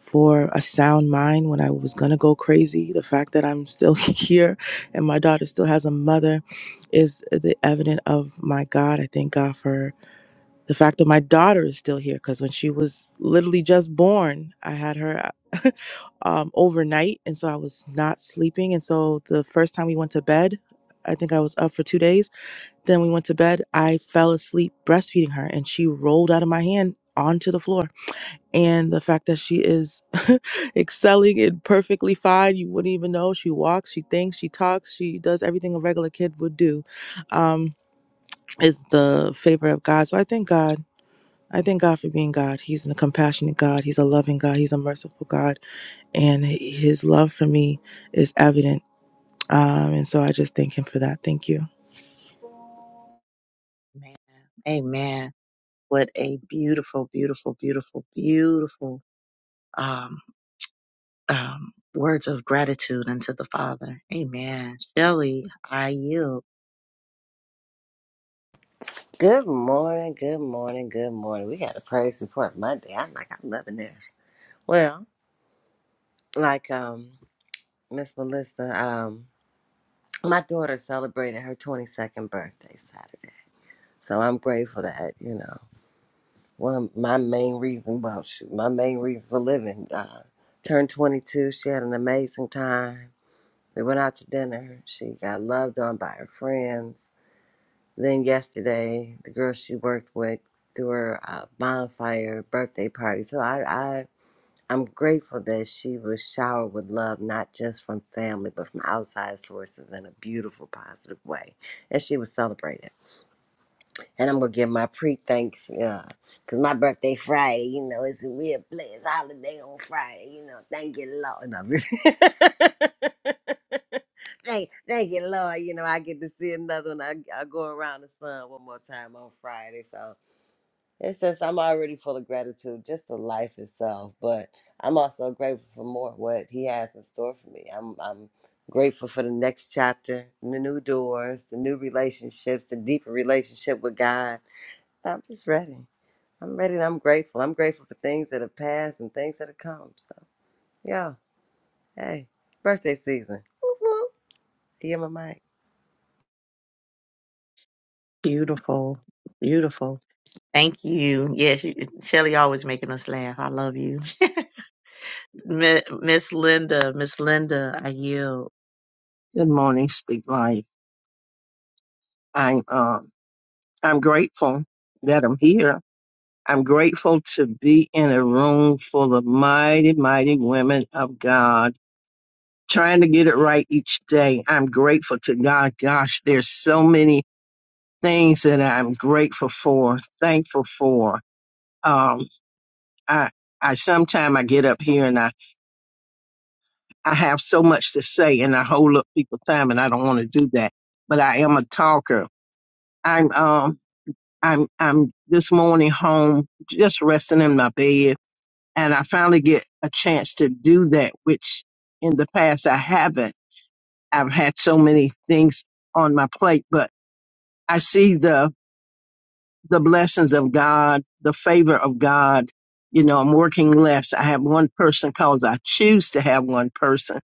for a sound mind when I was going to go crazy. The fact that I'm still [laughs] here and my daughter still has a mother is the evidence of my God. I thank God for the fact that my daughter is still here because when she was literally just born i had her [laughs] um, overnight and so i was not sleeping and so the first time we went to bed i think i was up for two days then we went to bed i fell asleep breastfeeding her and she rolled out of my hand onto the floor and the fact that she is [laughs] excelling and perfectly fine you wouldn't even know she walks she thinks she talks she does everything a regular kid would do um, is the favor of god so i thank god I thank God for being God. He's a compassionate God. He's a loving God. He's a merciful God. And his love for me is evident. Um, and so I just thank him for that. Thank you.
Amen. Amen. What a beautiful, beautiful, beautiful, beautiful um, um, words of gratitude unto the Father. Amen. Shelley, I yield.
Good morning, good morning, good morning. We got a praise report Monday. I'm like, I'm loving this. Well, like um Miss Melissa, um, my daughter celebrated her 22nd birthday Saturday, so I'm grateful that you know one of my main reason, well, shoot, my main reason for living. Uh, turned 22. She had an amazing time. We went out to dinner. She got loved on by her friends Then yesterday, the girl she worked with threw her uh, bonfire birthday party. So I, I, I'm grateful that she was showered with love, not just from family, but from outside sources in a beautiful, positive way. And she was celebrated. And I'm gonna give my pre thanks, yeah, cause my birthday Friday. You know, it's a real blessed holiday on Friday. You know, thank you, Lord. No, I'm just- [laughs] Thank, thank you, Lord. You know, I get to see another one. I, I go around the sun one more time on Friday. So it's just, I'm already full of gratitude, just the life itself. But I'm also grateful for more what He has in store for me. I'm, I'm grateful for the next chapter, the new doors, the new relationships, the deeper relationship with God. I'm just ready. I'm ready and I'm grateful. I'm grateful for things that have passed and things that have come. So, yeah, hey, birthday season. Whoop, whoop. Yeah, my mic.
Beautiful, beautiful. Thank you. Yes, you, Shelly always making us laugh. I love you. [laughs] Mi- Miss Linda, Miss Linda, I yield.
Good morning, Speak Life. I'm um I'm grateful that I'm here. I'm grateful to be in a room full of mighty, mighty women of God, trying to get it right each day. I'm grateful to God. Gosh, there's so many things that I'm grateful for, thankful for. Um, I I sometimes I get up here and I I have so much to say and I hold up people's time and I don't want to do that, but I am a talker. I'm um I'm I'm this morning home, just resting in my bed, and I finally get a chance to do that, which in the past I haven't. I've had so many things on my plate, but I see the the blessings of God, the favor of God. You know, I'm working less. I have one person because I choose to have one person,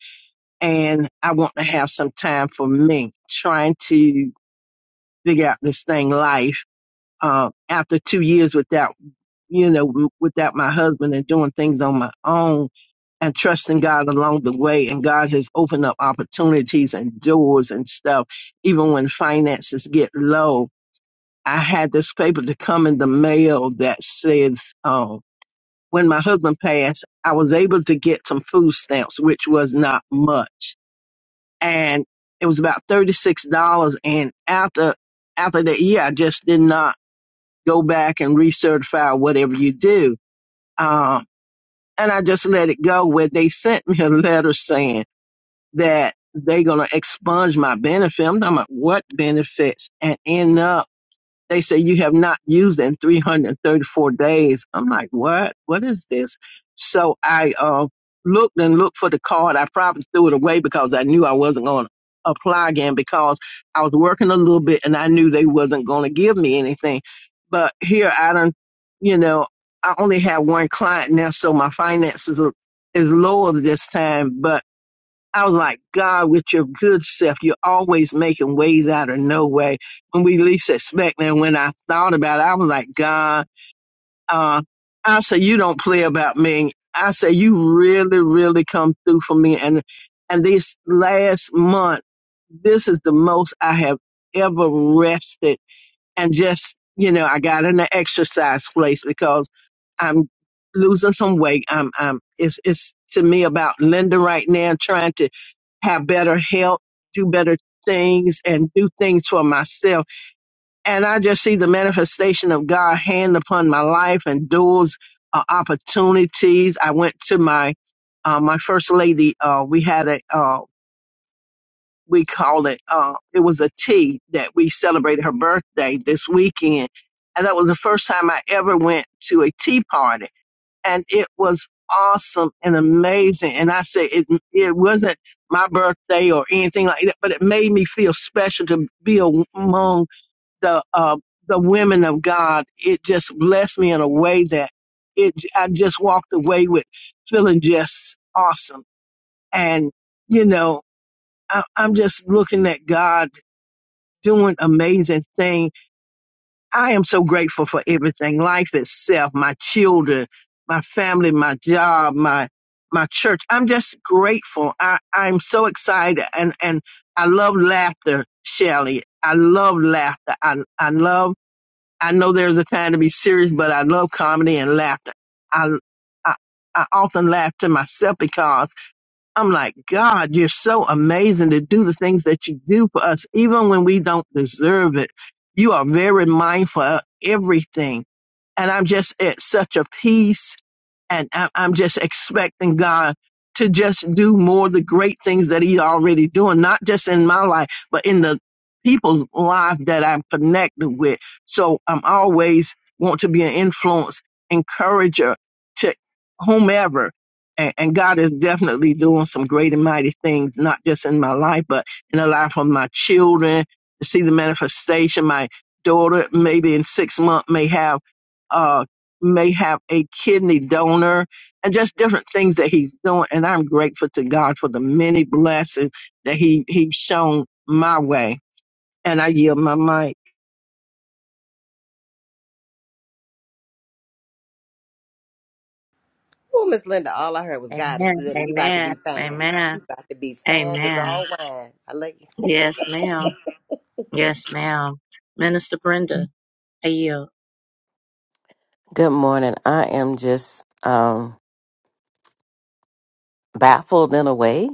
and I want to have some time for me, trying to figure out this thing life uh, after two years without you know, w- without my husband and doing things on my own and trusting God along the way. And God has opened up opportunities and doors and stuff. Even when finances get low, I had this paper to come in the mail that says, um, when my husband passed, I was able to get some food stamps, which was not much. And it was about $36. And after, after that year, I just did not go back and recertify whatever you do. Um, and I just let it go where they sent me a letter saying that they're going to expunge my benefit. I'm talking about what benefits and end up they say you have not used in 334 days. I'm like, what? What is this? So I uh, looked and looked for the card. I probably threw it away because I knew I wasn't going to apply again because I was working a little bit and I knew they wasn't going to give me anything. But here I don't, you know, I only have one client now, so my finances are, is lower this time. But I was like, God, with your good self, you're always making ways out of no way when we least expect. And when I thought about it, I was like, God, uh, I said, you don't play about me. I said, you really, really come through for me. And and this last month, this is the most I have ever rested and just you know i got in the exercise place because i'm losing some weight i'm i'm it's it's to me about linda right now trying to have better health do better things and do things for myself and i just see the manifestation of god hand upon my life and doors uh, opportunities i went to my uh, my first lady uh, we had a uh, we call it, uh, it was a tea that we celebrated her birthday this weekend. And that was the first time I ever went to a tea party. And it was awesome and amazing. And I say it, it wasn't my birthday or anything like that, but it made me feel special to be among the, uh, the women of God. It just blessed me in a way that it, I just walked away with feeling just awesome. And, you know, I, I'm just looking at God doing amazing thing. I am so grateful for everything, life itself, my children, my family, my job, my my church. I'm just grateful. I, I'm so excited and, and I love laughter, Shelley. I love laughter. I I love I know there's a time to be serious, but I love comedy and laughter. I I, I often laugh to myself because I'm like, God, you're so amazing to do the things that you do for us, even when we don't deserve it. You are very mindful of everything and I'm just at such a peace, and I- I'm just expecting God to just do more of the great things that He's already doing, not just in my life, but in the people's life that I'm connected with. So I'm always want to be an influence, encourager to whomever. And, and God is definitely doing some great and mighty things, not just in my life, but in the life of my children. To see the manifestation, my daughter maybe in six months may have uh, may have a kidney donor and just different things that he's doing. And I'm grateful to God for the many blessings that he, he's shown my way. And I yield my mic.
Well, Miss Linda, all I heard was God is
Amen.
good and you about to
Amen.
be fine.
Amen.
You about to be fine as
Amen.
all wine. I love you.
Yes, ma'am. Yes, ma'am. Minister Brenda, I yield.
Good morning. I am just um, baffled in a way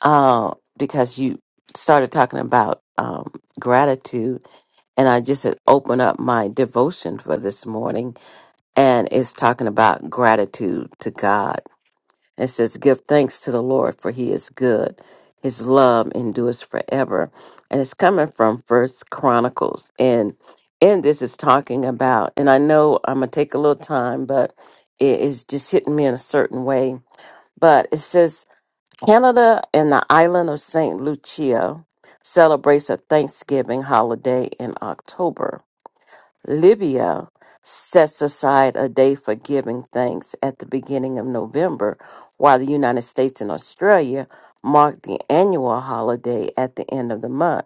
uh, because you started talking about um, gratitude, and I just had opened up my devotion for this morning, and it's talking about gratitude to God. It says, Give thanks to the Lord, for he is good. His love endures forever. And it's coming from First Chronicles. And and this is talking about, and I know I'm gonna take a little time, but it is just hitting me in a certain way. But it says Canada and the island of Saint Lucia celebrates a Thanksgiving holiday in October. Libya sets aside a day for giving thanks at the beginning of November, while the United States and Australia mark the annual holiday at the end of the month.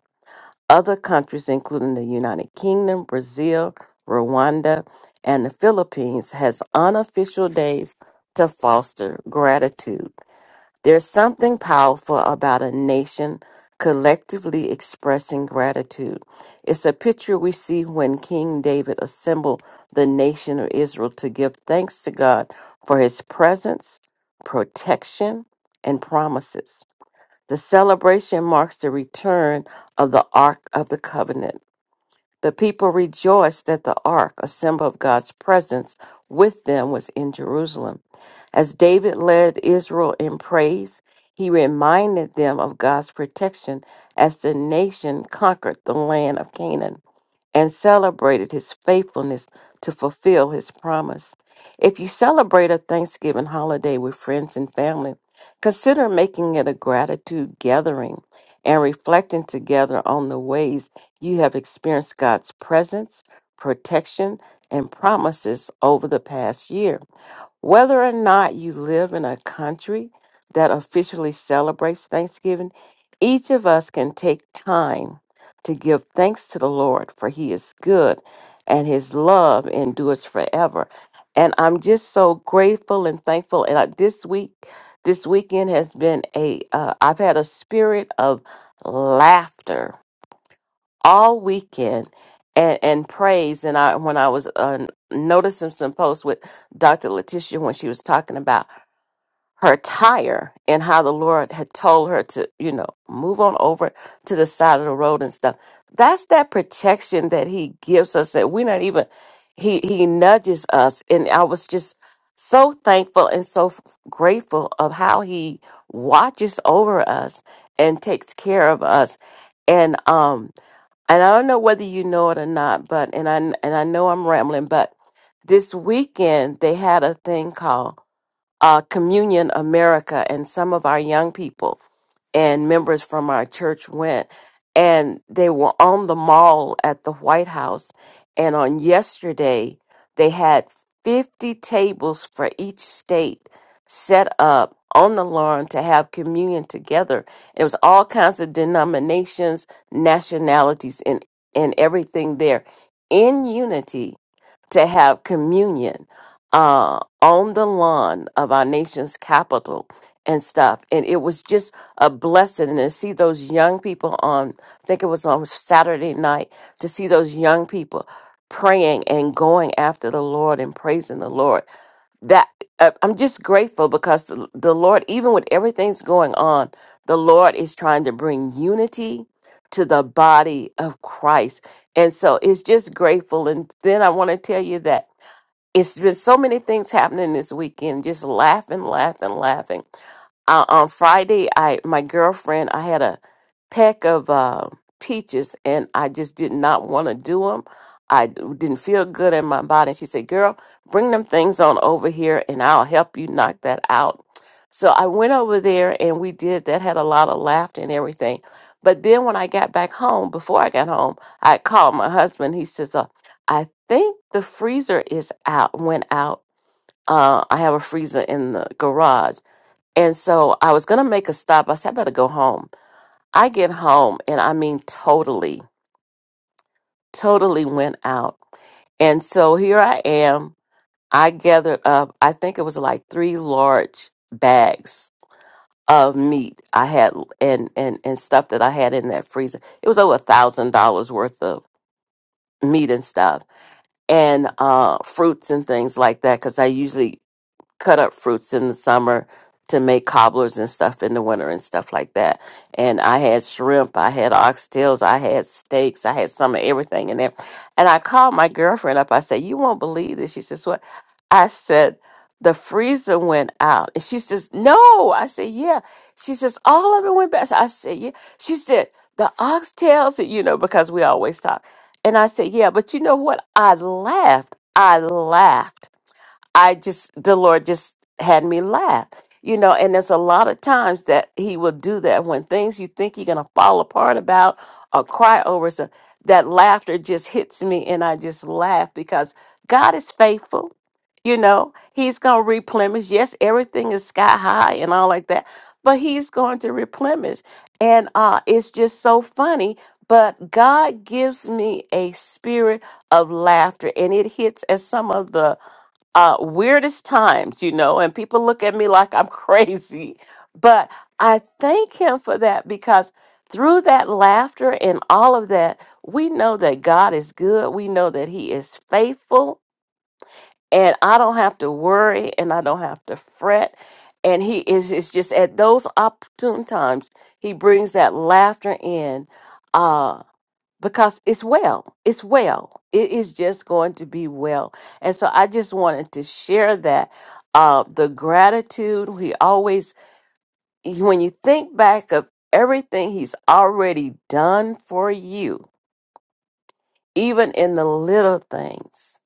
Other countries, including the United Kingdom, Brazil, Rwanda, and the Philippines, has unofficial days to foster gratitude. There's something powerful about a nation collectively expressing gratitude. It's a picture we see when King David assembled the nation of Israel to give thanks to God for his presence, protection, and promises. The celebration marks the return of the Ark of the Covenant the people rejoiced that the ark, a symbol of God's presence with them, was in Jerusalem. As David led Israel in praise, he reminded them of God's protection as the nation conquered the land of Canaan and celebrated his faithfulness to fulfill his promise. If you celebrate a Thanksgiving holiday with friends and family, consider making it a gratitude gathering and reflecting together on the ways you have experienced God's presence, protection, and promises over the past year. Whether or not you live in a country that officially celebrates Thanksgiving, each of us can take time to give thanks to the Lord, for he is good and his love endures forever. And I'm just so grateful and thankful. And I, this week, this weekend has been a, uh, I've had a spirit of laughter all weekend and, and praise. And I, when I was uh, noticing some posts with Dr. Letitia, when she was talking about her tire and how the Lord had told her to, you know, move on over to the side of the road and stuff. That's that protection that he gives us that we're not even he he nudges us and I was just so thankful and so f- grateful of how he watches over us and takes care of us. And um and I don't know whether you know it or not, but and I and I know I'm rambling, but this weekend they had a thing called uh, Communion America, and some of our young people and members from our church went, and they were on the mall at the White House. And on yesterday, they had 50 tables for each state set up on the lawn to have communion together. It was all kinds of denominations, nationalities, and, and everything there in unity to have communion. Um, on the lawn of our nation's capital and stuff. And it was just a blessing to see those young people on, I think it was on Saturday night, to see those young people praying and going after the Lord and praising the Lord. That uh, I'm just grateful because the, the Lord, even with everything's going on, the Lord is trying to bring unity to the body of Christ. And so it's just grateful. And then I want to tell you that. It's been so many things happening this weekend, just laughing, laughing, laughing. Uh, on Friday, I my girlfriend, I had a peck of uh, peaches, and I just did not want to do them. I d- didn't feel good in my body. She said, "Girl, bring them things on over here, and I'll help you knock that out." So I went over there, and we did that. Had a lot of laughter and everything. But then when I got back home, before I got home, I called my husband. He says, I think the freezer is out, went out. Uh, I have a freezer in the garage. And so I was going to make a stop. I said, I better go home. I get home, and I mean, totally, totally went out. And so here I am. I gathered up, I think it was like three large bags of meat I had and, and, and stuff that I had in that freezer. It was over a thousand dollars worth of meat and stuff and uh, fruits and things like that because I usually cut up fruits in the summer to make cobblers and stuff in the winter and stuff like that. And I had shrimp, I had oxtails, I had steaks, I had some of everything in there. And I called my girlfriend up. I said, "You won't believe this." She says, "What?" I said, "The freezer went out." And she says, "No." I said, "Yeah." She says, "All of it went back." I said, "Yeah." She said, "The oxtails," you know, because we always talk. And I said, "Yeah, but you know what?" I laughed. I laughed I just, the Lord just had me laugh, you know. And there's a lot of times that He will do that when things you think you're going to fall apart about or cry over. So that laughter just hits me and I just laugh because God is faithful. You know, He's going to replenish. Yes, everything is sky high and all like that, but He's going to replenish. And uh, it's just so funny. But God gives me a spirit of laughter, and it hits at some of the uh, weirdest times, you know, and people look at me like I'm [laughs] crazy. But I thank him for that because through that laughter and all of that, we know that God is good. We know that he is faithful. And I don't have to worry and I don't have to fret. And he is it's just at those opportune times, he brings that laughter in. uh, because it's well. It's well. It is just going to be well. And so I just wanted to share that. Uh, the gratitude, he always, when you think back of everything he's already done for you, even in the little things,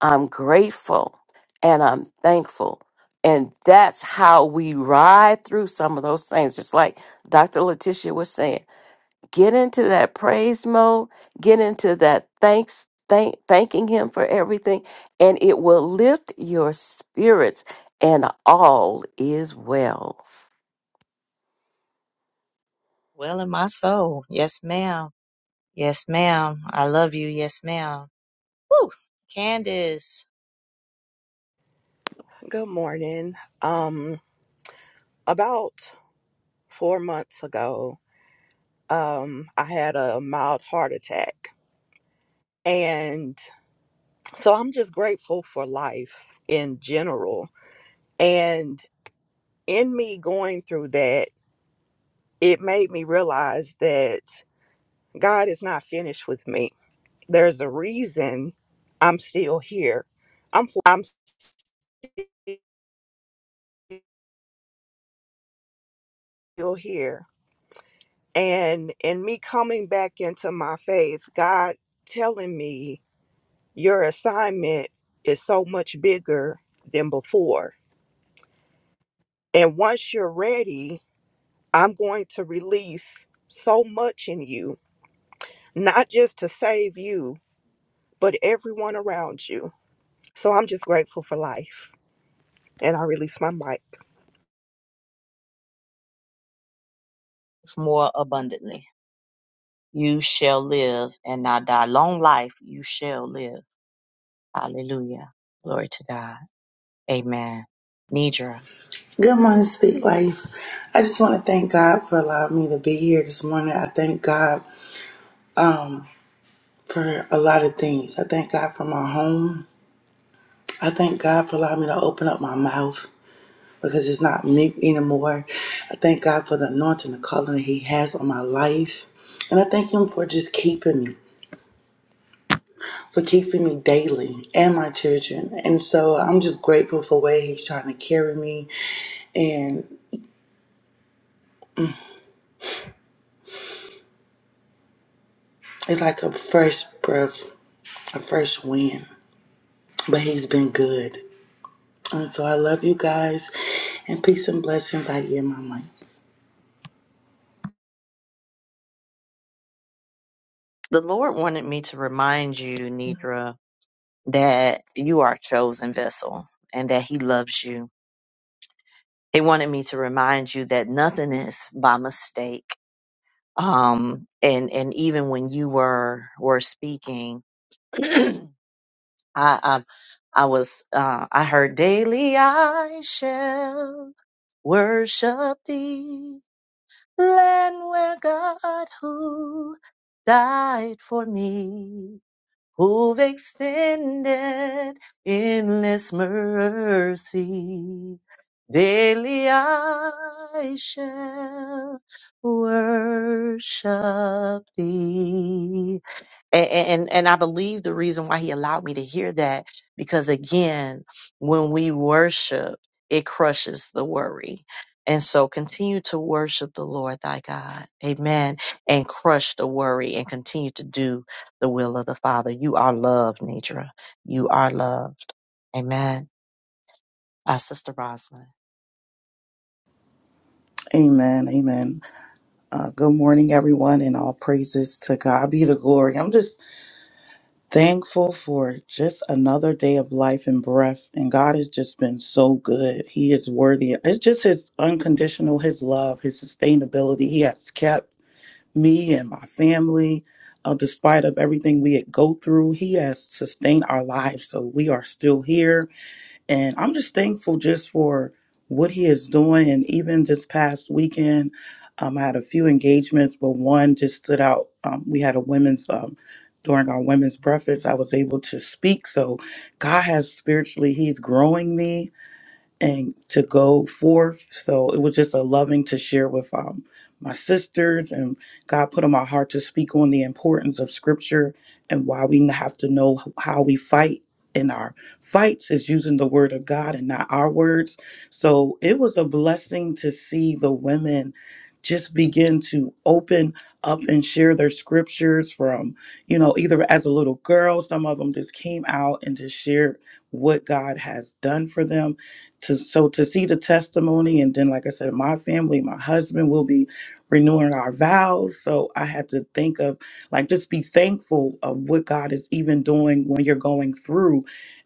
I'm grateful and I'm thankful. And that's how we ride through some of those things, just like Dr. Letitia was saying get into that praise mode, get into that thanks, thank, thanking Him for everything, and it will lift your spirits, and all is well.
Well in my soul. Yes, ma'am. Yes, ma'am. I love you. Yes, ma'am. Woo. Candace,
Good morning. Um, about four months ago, um, I had a mild heart attack. And so I'm just grateful for life in general. And in me going through that, it made me realize that God is not finished with me. There's a reason I'm still here. I'm I'm still here. And in me coming back into my faith, God telling me Your assignment is so much bigger than before. And once you're ready, I'm going to release so much in you, not just to save you, but everyone around you. So I'm just grateful for life. And I release my mic.
more abundantly. You shall live and not die. Long life you shall live. Hallelujah. Glory to God. Amen. Nidra.
Good morning, Speak Life. I just want to thank God for allowing me to be here this morning. I thank God for a lot of things. I thank God for my home. I thank God for allowing me to open up my mouth because it's not mute anymore. I thank God for the anointing, the calling that He has on my life. And I thank Him for just keeping me, for keeping me daily and my children. And so I'm just grateful for where He's trying to carry me. And it's like a fresh breath, a fresh wind. But he's been good. And so I love you guys. And peace and blessings. I hear Mama.
The Lord wanted me to remind you, Nidra, that you are a chosen vessel and that He loves you. He wanted me to remind you that nothing is by mistake. Um, and and even when you were were speaking, [clears throat] I um I was uh I heard daily I shall worship thee land where God who died for me who've extended endless mercy daily I shall worship thee and, and and I believe the reason why he allowed me to hear that because again, when we worship, it crushes the worry. And so continue to worship the Lord thy God. Amen. And crush the worry and continue to do the will of the Father. You are loved, Nidra. You are loved. Amen. Our sister Rosalind.
Amen. Amen. Uh, good morning, everyone, and all praises to God be the glory. I'm just thankful for just another day of life and breath. And God has just been so good. He is worthy. It's just His unconditional, His love, His sustainability. He has kept me and my family. Uh, despite of everything we had go through, he has sustained our lives. So we are still here and I'm just thankful just for what he is doing. And even this past weekend, um, I had a few engagements, but one just stood out. Um, we had a women's, um, during our women's breakfast, I was able to speak. So God has spiritually, he's growing me and to go forth. So it was just a loving to share with um, my sisters, and God put on my heart to speak on the importance of Scripture and why we have to know how we fight. In our fights is using the word of God and not our words. So it was a blessing to see the women just begin to open up and share their scriptures from, you know, either as a little girl, some of them just came out and just shared what God has done for them to so to see the testimony and then like i said my family my husband will be renewing our vows so i had to think of like just be thankful of what god is even doing when you're going through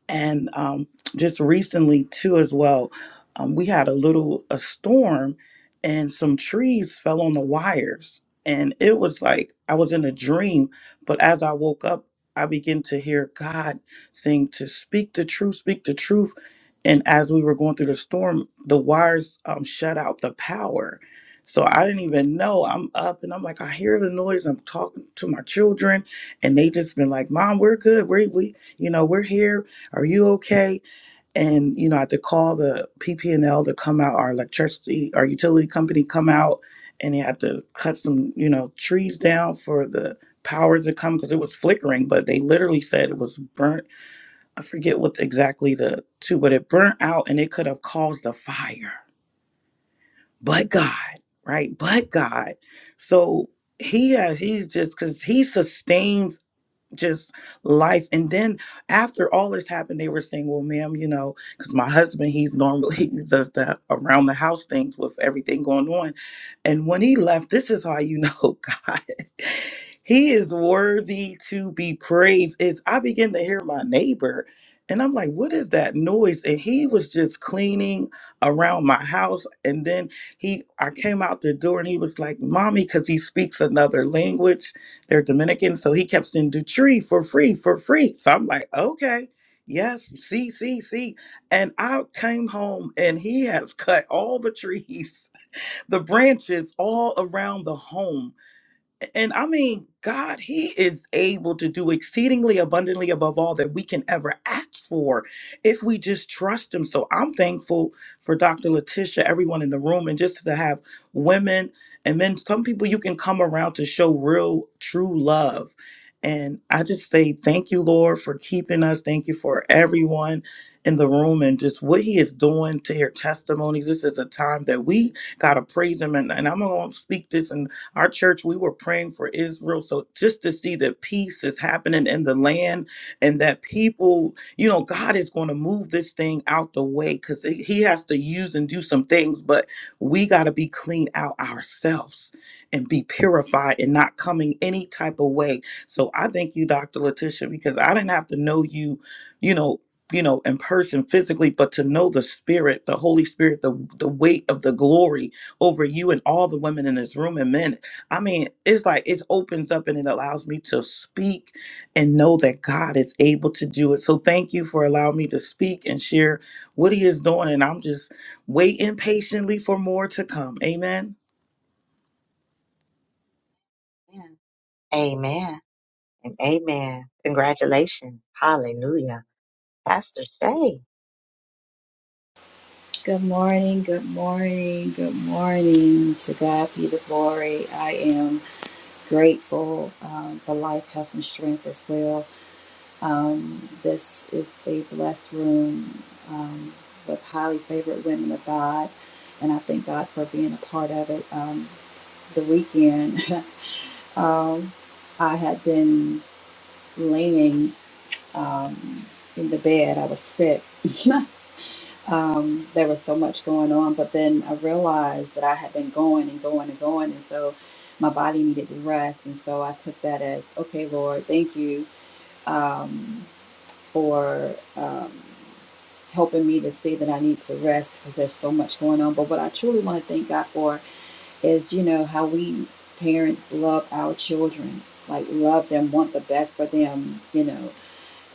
and um, just recently too as well um, we had a little a storm and some trees fell on the wires and it was like i was in a dream but as i woke up i began to hear god saying to speak the truth speak the truth and as we were going through the storm the wires um, shut out the power so i didn't even know i'm up and i'm like i hear the noise i'm talking to my children and they just been like mom we're good we, we you know we're here are you okay and you know i had to call the pp&l to come out our electricity our utility company come out and they had to cut some you know trees down for the power to come because it was flickering but they literally said it was burnt I forget what exactly the two, but it burnt out and it could have caused a fire. But God, right? But God. So he has, he's just because he sustains just life and then after all this happened they were saying well ma'am you know because my husband he's normally [laughs] he does the around the house things with everything going on and when he left this is how you know [laughs] god he is worthy to be praised is i begin to hear my neighbor and i'm like what is that noise and he was just cleaning around my house and then he i came out the door and he was like mommy because he speaks another language they're Dominican. So he kept saying Dutry for free, for free. So I'm like, okay, yes, see, see, see. And I came home and he has cut all the trees, [laughs] the branches all around the home and I mean, God, He is able to do exceedingly abundantly above all that we can ever ask for if we just trust Him. So I'm thankful for Dr. Letitia, everyone in the room, and just to have women and men, some people you can come around to show real, true love. And I just say thank you, Lord, for keeping us. Thank you for everyone in the room and just what He is doing to hear testimonies. This is a time that we got to praise Him. And, and I'm going to speak this. and. Our church, we were praying for Israel. So just to see that peace is happening in the land and that people, you know, God is going to move this thing out the way because He has to use and do some things, but we got to be cleaned out ourselves and be purified and not coming any type of way. So I thank you, Dr. Letitia, because I didn't have to know you, you know, you know in person physically but to know the spirit the holy spirit the the weight of the glory over you and all the women in this room and men I mean, it's like it opens up and it allows me to speak and know that God is able to do it. So thank you for allowing me to speak and share what He is doing. And I'm just waiting patiently for more to come. Amen.
Amen. Amen. And amen. Congratulations. Hallelujah. Pastor Shay.
Good morning, good morning, good morning. To God be the glory. I am grateful um, for life, health, and strength as well. Um, this is a blessed room um, with highly favored women of God, and I thank God for being a part of it. Um, the weekend, [laughs] um, I had been laying um, in the bed, I was sick. [laughs] um, there was so much going on. But then I realized that I had been going and going and going, and so my body needed to rest. And so I took that as, okay, Lord, thank you um, for um, helping me to see that I need to rest because there's so much going on. But what I truly want to thank God for is, you know, how we parents love our children, like love them, want the best for them, you know.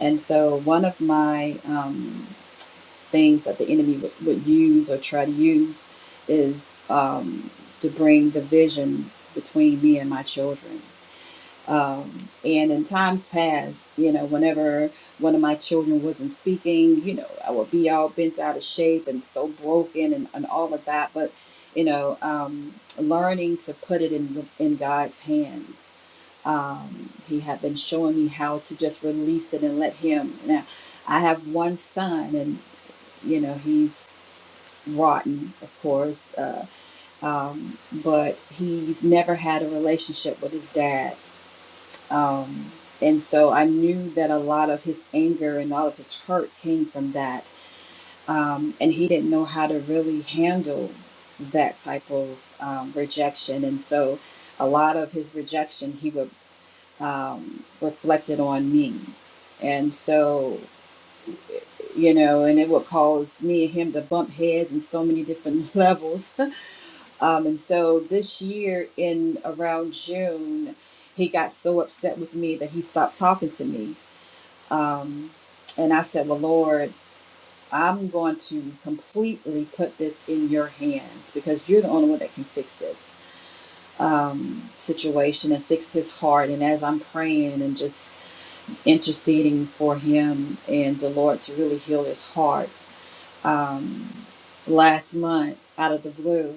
And so one of my um, things that the enemy would, would use or try to use is um, to bring division between me and my children. Um, and in times past, you know, whenever one of my children wasn't speaking, you know, I would be all bent out of shape and so broken and, and all of that. But, you know, um, learning to put it in, in God's hands. Um, he had been showing me how to just release it and let him. Now, I have one son, and you know he's rotten of course uh, um, but he's never had a relationship with his dad um, and so i knew that a lot of his anger and all of his hurt came from that um, and he didn't know how to really handle that type of um, rejection and so a lot of his rejection he would um, reflect it on me and so you know, and it would cause me and him to bump heads in so many different [laughs] levels Um, and so this year, in around June, he got so upset with me that he stopped talking to me. Um, and I said, Well, Lord, I'm going to completely put this in your hands because you're the only one that can fix this um, situation and fix his heart. And as I'm praying and just interceding for him and the Lord to really heal his heart, um, last month, out of the blue,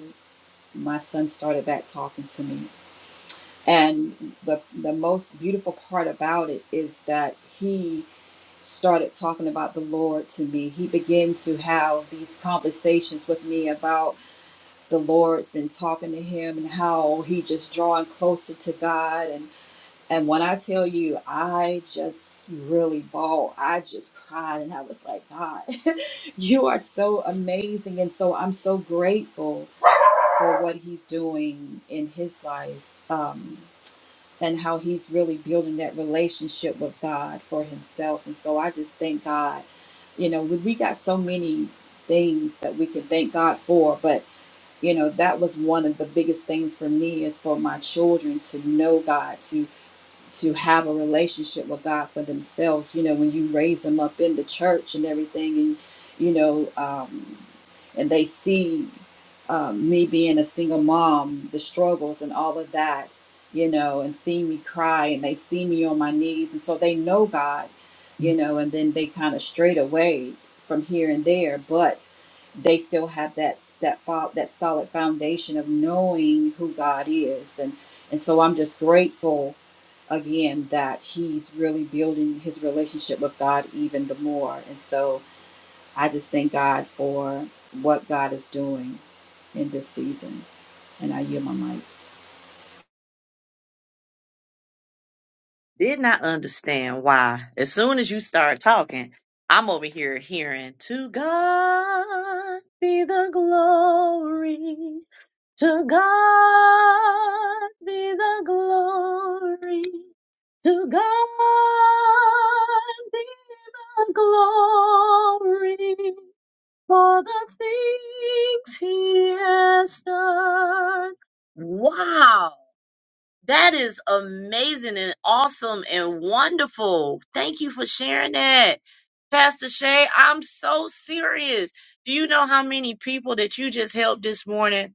my son started back talking to me And the the most beautiful part about it is that he started talking about the Lord to me. He began to have these conversations with me about the Lord's been talking to him and how he just drawing closer to God and and when I tell you I just really bawled, I just cried and I was like, God, [laughs] you are so amazing and so I'm so grateful for what he's doing in his life. Um and how he's really building that relationship with God for himself. And so I just thank God. You know, we we got so many things that we can thank God for, but you know, that was one of the biggest things for me is for my children to know God, to to have a relationship with God for themselves. You know, when you raise them up in the church and everything, and you know, um, and they see um, me being a single mom, the struggles and all of that, you know, and see me cry, and they see me on my knees, and so they know God, you know, and then they kind of strayed away from here and there, but they still have that that fo- that solid foundation of knowing who God is, and and so I'm just grateful again that he's really building his relationship with God even the more. And so I just thank God for what God is doing in this season. And I yield my mic.
did not understand why as soon as you start talking i'm over here hearing to god be the glory to god be the glory to god be the glory for the things he has done wow that is amazing and awesome and wonderful. Thank you for sharing that. Pastor Shay, I'm so serious. Do you know how many people that you just helped this morning?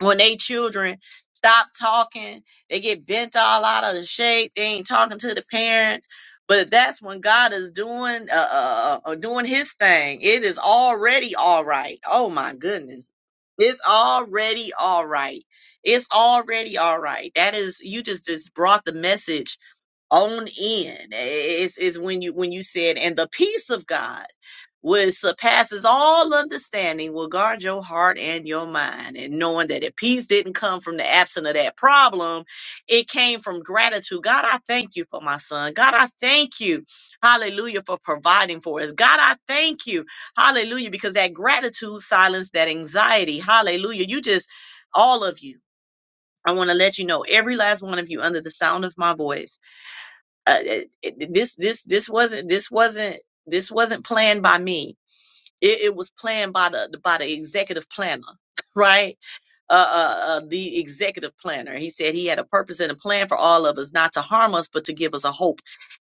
when they children stop talking, they get bent all out of the shape. They ain't talking to the parents. But that's when God is doing uh, uh, uh uh, doing His thing. It is already all right. Oh my goodness, it's already all right. It's already all right. That is you just just brought the message on in. It's is when you when you said and the peace of God which surpasses all understanding, will guard your heart and your mind. And knowing that if peace didn't come from the absence of that problem, it came from gratitude. God, I thank you for my son. God, I thank you, hallelujah, for providing for us. God, I thank you, hallelujah, because that gratitude silenced that anxiety. Hallelujah. You just, all of you. I want to let you know, every last one of you, under the sound of my voice, uh, it- it- this this this wasn't this wasn't this wasn't planned by me it, it was planned by the by the executive planner, [laughs] right? Uh, uh, uh, the executive planner. He said he had a purpose and a plan for all of us, not to harm us, but to give us a hope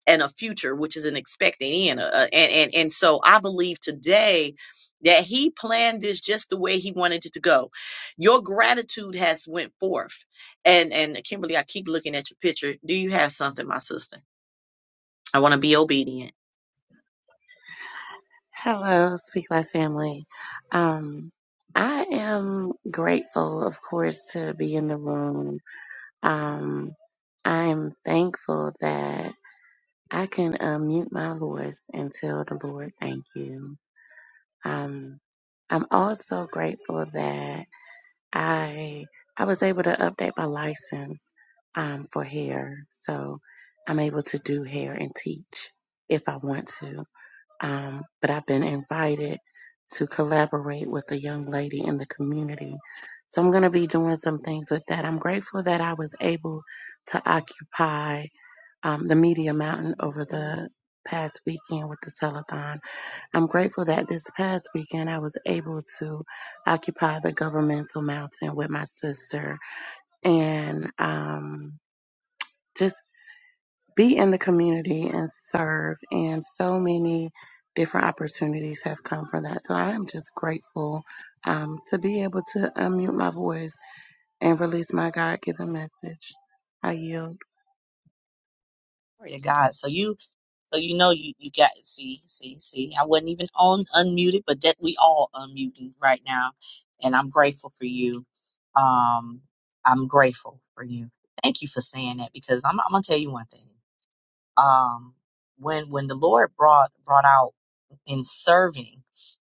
and a future, which is an expecting end. Uh, uh, and and and so I believe today that he planned this just the way he wanted it to go. Your gratitude has went forth, and and Kimberly, I keep looking at your picture. Do you have something, my sister? I want to be obedient.
Hello, Speak Life family. Um, I am grateful, of course, to be in the room. Um, I am thankful that I can unmute my voice and tell the Lord thank you. Um, I'm also grateful that I I was able to update my license um, for hair, so I'm able to do hair and teach if I want to um, but I've been invited to collaborate with a young lady in the community. So I'm going to be doing some things with that. I'm grateful that I was able to occupy um, the Media Mountain over the past weekend with the telethon. I'm grateful that this past weekend I was able to occupy the Governmental Mountain with my sister and um, be in the community and serve. And so many different opportunities have come from that. So I am just grateful um, to be able to unmute my voice and release my God given message. I yield.
Glory to God. So you So you know you you got see see see. I wasn't even on unmuted, but that we all unmuting right now, and I'm grateful for you. Um, I'm grateful for you. Thank you for saying that because I'm I'm gonna tell you one thing. Um, when when the Lord brought brought out in serving.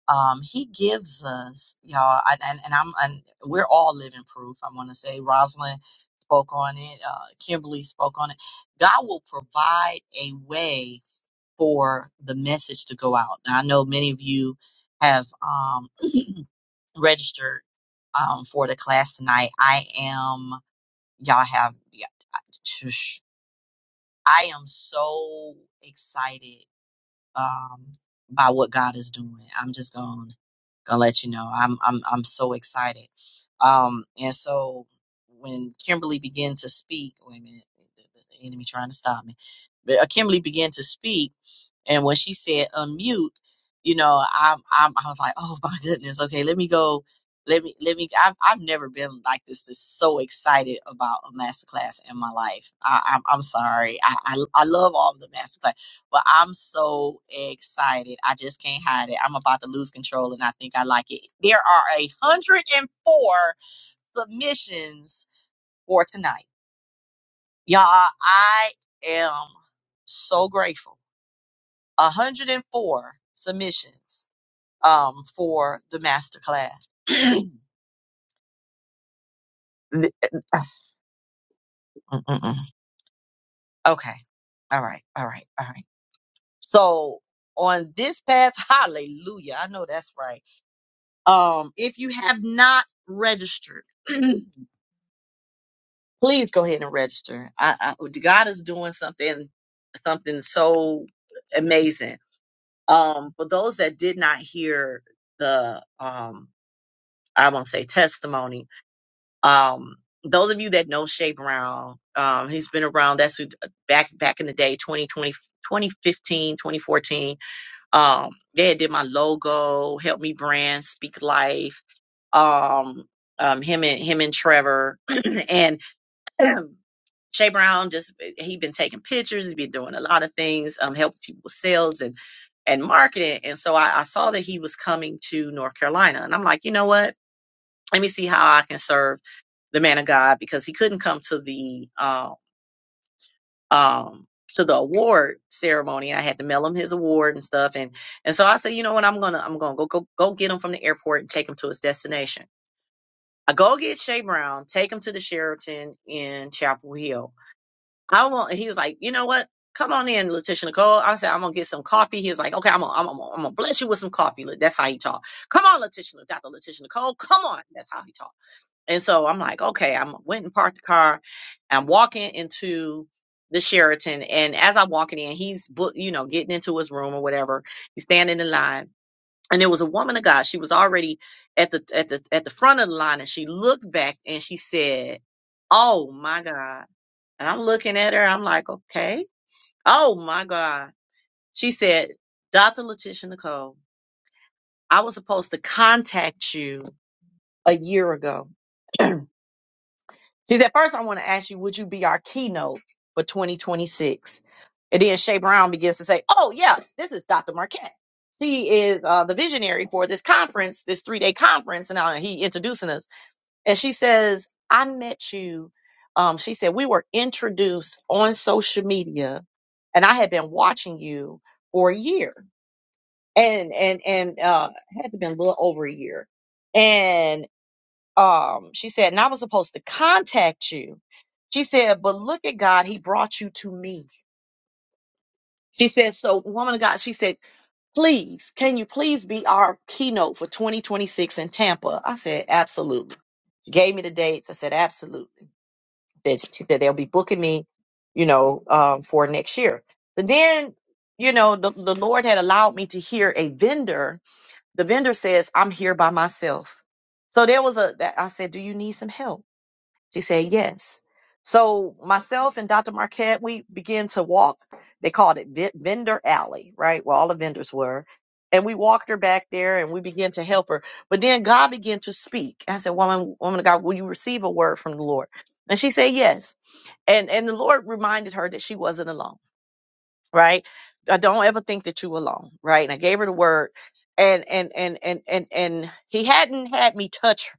Um, he gives us, y'all, I, and, and I'm, and we're all living proof. I want to say Rosalind spoke on it. Uh, Kimberly spoke on it. God will provide a way for the message to go out. Now, I know many of you have um, registered um, for the class tonight. I am, y'all have, yeah, [tsk] I am so excited um, by what God is doing. I'm just going gonna let you know. I'm I'm I'm so excited. Um, and so when Kimberly began to speak, wait a minute, the the enemy trying to stop me. But uh, Kimberly began to speak, and when she said unmute, you know, I'm I'm I was like, oh my goodness, okay, let me go. Let me, let me. I've, I've never been like this. This so excited about a masterclass in my life. I, I'm, I'm sorry. I, I, I love all of the masterclass. But I'm so excited. I just can't hide it. I'm about to lose control and I think I like it. There are 104 submissions for tonight. Y'all, I am so grateful. 104 submissions um for the masterclass. [clears throat] Okay. All right. All right. All right. So on this past hallelujah, I know that's right. Um, if you have not registered, [clears throat] please go ahead and register. I, I, God is doing something, something so amazing. Um, for those that did not hear the, um, I won't say testimony. Um, those of you that know Shay Brown, um, he's been around. That's who, back back in the day, 2020 2015, 2014. Um, they had did my logo, helped me brand, speak life. Um, um, him and him and Trevor [clears throat] and [clears throat] Shay Brown just he been taking pictures, he been doing a lot of things, um, helping people with sales and and marketing. And so I, I saw that he was coming to North Carolina, and I'm like, you know what? Let me see how I can serve the man of God because he couldn't come to the um um to the award ceremony. I had to mail him his award and stuff and and so I said, you know what, I'm gonna I'm gonna go go go get him from the airport and take him to his destination. I go get Shay Brown, take him to the Sheraton in Chapel Hill. I want he was like, you know what? Come on in, Letitia Nicole. I said, I'm gonna get some coffee. He was like, okay, I'm gonna, I'm gonna, I'm gonna bless you with some coffee. That's how he talked. Come on, Letitia, Dr. Letitia Nicole. Come on. That's how he talked. And so I'm like, okay, I'm went and parked the car. I'm walking into the Sheraton. And as I'm walking in, he's book, you know, getting into his room or whatever. He's standing in line. And there was a woman of God. She was already at the at the at the front of the line and she looked back and she said, Oh my God. And I'm looking at her. I'm like, okay. Oh my God. She said, Dr. Letitia Nicole, I was supposed to contact you a year ago. [clears throat] She said, first, I want to ask you, would you be our keynote for 2026? And then Shay Brown begins to say, oh, yeah, this is Dr. Marquette. She is uh, the visionary for this conference, this three day conference. And uh, he introducing us. And she says, I met you. Um, she said, we were introduced on social media and I had been watching you for a year and, and, and, uh, had to been a little over a year um she said and i was supposed to contact you she said but look at god he brought you to me she said so woman of god she said please can you please be our keynote for 2026 in tampa i said absolutely she gave me the dates i said absolutely that she said they'll be booking me you know um, for next year but then you know the, the lord had allowed me to hear a vendor the vendor says i'm here by myself so there was a that i said do you need some help she said, Yes. So myself and Dr. Marquette, we began to walk. They called it vi- Vendor Alley, right? Where all the vendors were. And we walked her back there and we began to help her. But then God began to speak. I said, Woman, woman of God, will you receive a word from the Lord? And she said, Yes. And and the Lord reminded her that she wasn't alone right? I don't ever think that you alone, right? And I gave her the word, and and and and and and he hadn't had me touch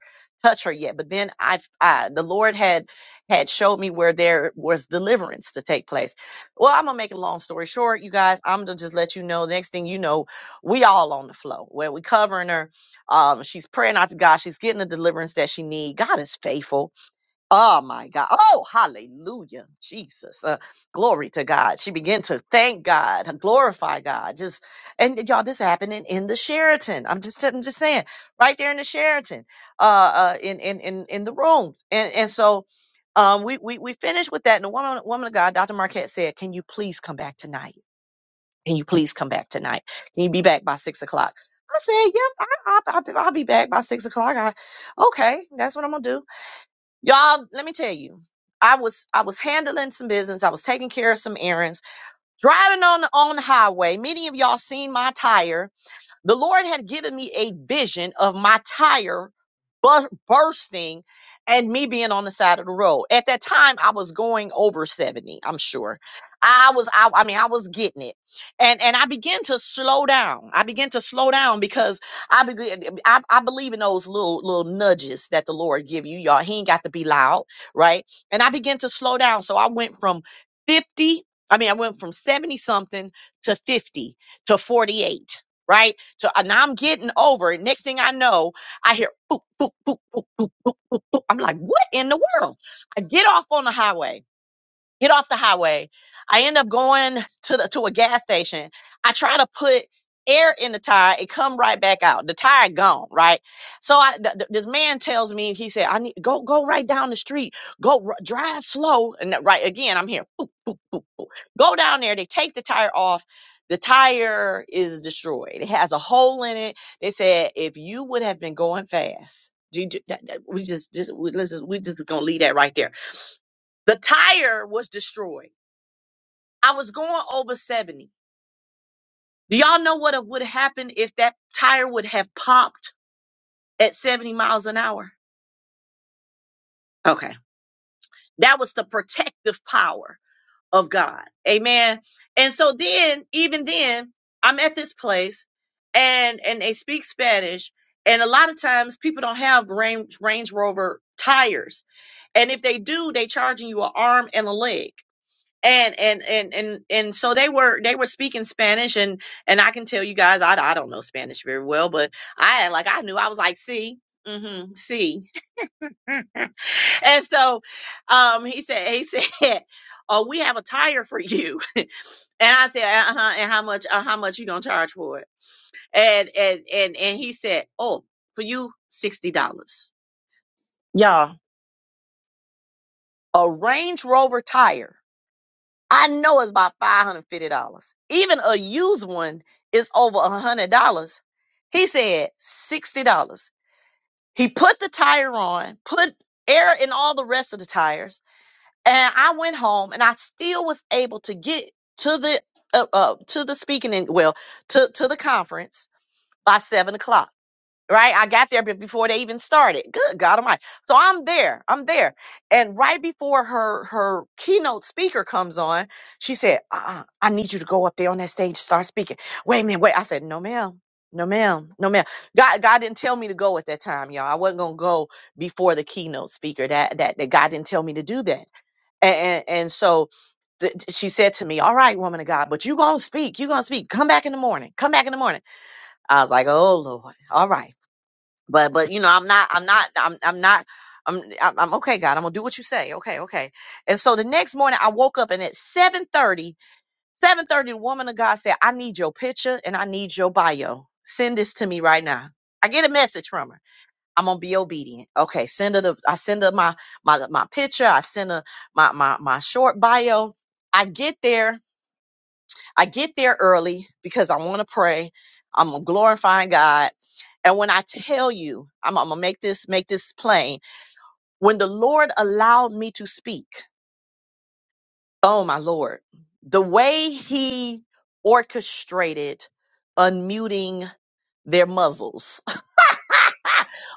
touch her yet, but then I, I the Lord had had showed me where there was deliverance to take place. Well, I'm gonna make a long story short, you guys. I'm gonna just let you know. Next thing you know, we all on the flow where we covering her. Um, she's praying out to God. She's getting the deliverance that she need. God is faithful Oh my God. Oh, hallelujah. Jesus. Uh, glory to God. She began to thank God, glorify God. Just and y'all, this happening in the Sheraton. I'm just I'm just saying, right there in the Sheraton, uh, uh in, in in in the rooms. And and so um we we we finished with that. And the woman woman of God, Dr. Marquette said, Can you please come back tonight? Can you please come back tonight? Can you be back by six o'clock? I said, Yep, I, I, I'll be I'll be back by six o'clock. I, okay, that's what I'm gonna do. Y'all, let me tell you. I was I was handling some business. I was taking care of some errands, driving on the on the highway. Many of y'all seen my tire. The Lord had given me a vision of my tire bu- bursting and me being on the side of the road. At that time, I was going over 70, I'm sure. I was, I, I mean, I was getting it. And, and I began to slow down. I began to slow down because I, began, I, I believe in those little, little nudges that the Lord give you. Y'all, he ain't got to be loud, right? And I began to slow down. So I went from 50, I mean, I went from 70 something to 50 to 48 right? So and I'm getting over it. Next thing I know, I hear boop, boop, boop, boop, boop, boop, boop, boop. I'm like, what in the world? I get off on the highway get off the highway. I end up going to the to a gas station. I try to put air in the tire. It come right back out. The tire gone, right? So I th- th- this man tells me he said I need go go right down the street. Go r- drive slow and that- right again I'm here. Boop, boop, boop, boop. Go down there. They take the tire off. The tire is destroyed. It has a hole in it. They said if you would have been going fast, do you, do- that, that- we just, just we, let's just we just gonna leave that right there. The tire was destroyed. I was going over 70. Do y'all know what would have happened if that tire would have popped at 70 miles an hour? Okay. That was the protective power of God. Amen. And so then, even then, I'm at this place and and they speak Spanish. And a lot of times people don't have Range, Range Rover tires. And if they do, they charging you an arm and a leg. and and and and and so they were they were speaking Spanish and and I can tell you guys I I don't know Spanish very well but I like I knew I was like see mm-hmm see [laughs] and so um he said he [laughs] said oh we have a tire for you [laughs] and I said uh huh and how much uh, how much you gonna charge for it and and and and he said oh for you sixty dollars y'all a Range Rover tire I know it's about five hundred fifty dollars. Even a used one is over a hundred dollars. He said sixty dollars. He put the tire on, put air in all the rest of the tires, and I went home, and I still was able to get to the uh, uh, to the speaking in, well to to the conference by seven o'clock right? I got there be- before they even started. Good God Almighty! So I'm there. I'm there. And right before her her keynote speaker comes on, she said, uh-uh, "I need you to go up there on that stage, start speaking." Wait a minute, wait. I said, "No, ma'am." No ma'am, no ma'am. God, God didn't tell me to go at that time, y'all. I wasn't gonna go before the keynote speaker. That that, that God didn't tell me to do that. And and, and so th- th- she said to me, "All right, woman of God, but you gonna speak. You gonna speak. Come back in the morning. Come back in the morning." I was like, "Oh Lord, all right." but but you know i'm not i'm not i'm i'm not i'm i'm, I'm okay god i'm gonna do what you say okay okay and so the next morning i woke up and at seven thirty seven thirty the woman of god said i need your picture and i need your bio send this to me right now i get a message from her i'm gonna be obedient okay send her the i send her my my my picture i send her my my, my short bio i get there I get there early because I want to pray. I'm glorifying God. And when I tell you, I'm, I'm gonna make this make this plain. When the Lord allowed me to speak, oh my Lord, the way He orchestrated unmuting their muzzles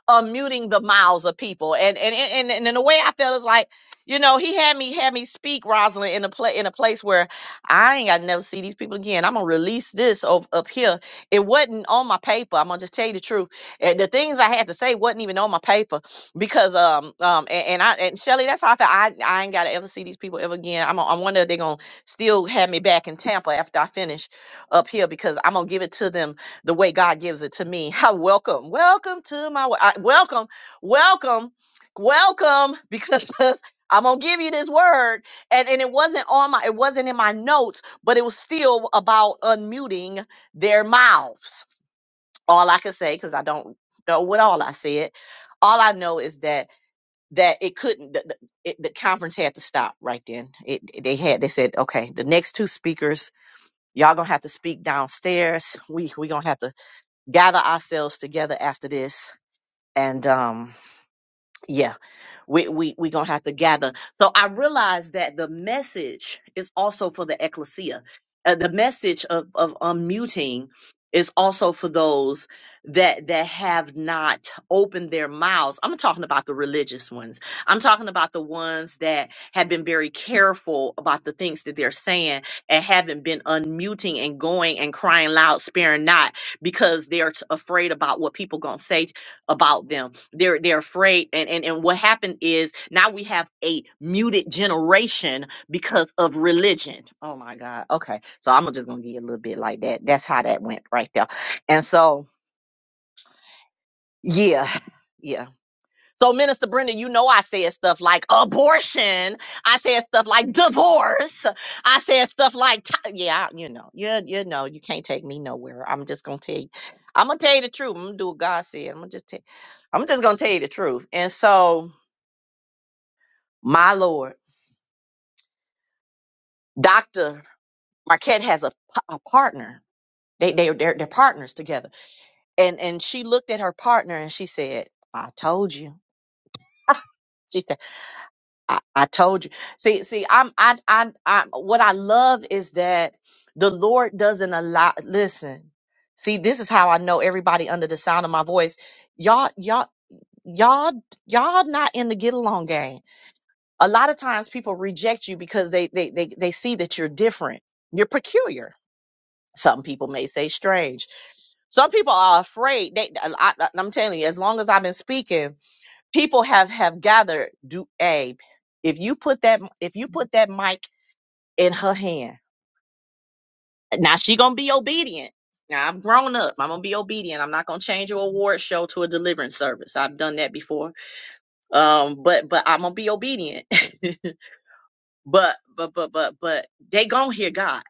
uh, muting the mouths of people. And and and and in a way, I felt it's like, you know, he had me had me speak Rosalind in a play in a place where I ain't got to never see these people again. I'm gonna release this up, up here. It wasn't on my paper. I'm gonna just tell you the truth. And the things I had to say wasn't even on my paper because um um and, and I and Shelly, that's how I felt. I, I ain't gotta ever see these people ever again. I'm I wonder if they're gonna still have me back in Tampa after I finish up here because I'm gonna give it to them the way God gives it to me. [laughs] welcome, welcome to my wo- I- welcome, welcome, welcome, because [laughs] I'm gonna give you this word, and and it wasn't on my, it wasn't in my notes, but it was still about unmuting their mouths. All I can say, because I don't know what all I said. All I know is that that it couldn't. The, the, it, the conference had to stop right then. It it- they had they said, okay, the next two speakers, y'all gonna have to speak downstairs. We we gonna have to gather ourselves together after this and um, yeah we we we gonna have to gather so i realize that the message is also for the ecclesia Uh, the message of of unmuting is also for those that that have not opened their mouths i'm talking about the religious ones i'm talking about the ones that have been very careful about the things that they're saying and haven't been unmuting and going and crying loud sparing not because they're t- afraid about what people gonna say about them. They're they're afraid and, and and what happened is now we have a muted generation because of religion. Oh my God. Okay. So I'm just gonna give you a little bit like that. That's how that went right there. And so yeah. [laughs] yeah. So, Minister Brenda, you know I said stuff like abortion. I said stuff like divorce. I said stuff like ti- yeah, I- you know, you you know, you can't take me nowhere. I'm just gonna tell you. I'm gonna tell you the truth. I'm gonna do what God said. I'm gonna just tell. I'm just gonna tell you the truth. And so, my Lord, Doctor Marquette has a, p- a partner. They they they're, they're partners together. And and she looked at her partner and she said, "I told you." [laughs] I, I told you. See, see, I'm, I, I, I, what I love is that the Lord doesn't allow, listen, see, this is how I know everybody under the sound of my voice. Y'all, y'all, y'all, y'all not in the get along game. A lot of times people reject you because they, they, they, they see that you're different. You're peculiar. Some people may say strange. Some people are afraid. They, I, I, I'm telling you, as long as I've been speaking, people have have gathered do abe if you put that if you put that mic in her hand now she gonna be obedient now i'm grown up i'm gonna be obedient i'm not gonna change your award show to a deliverance service i've done that before um but but i'm gonna be obedient [laughs] but but but but but they gonna hear god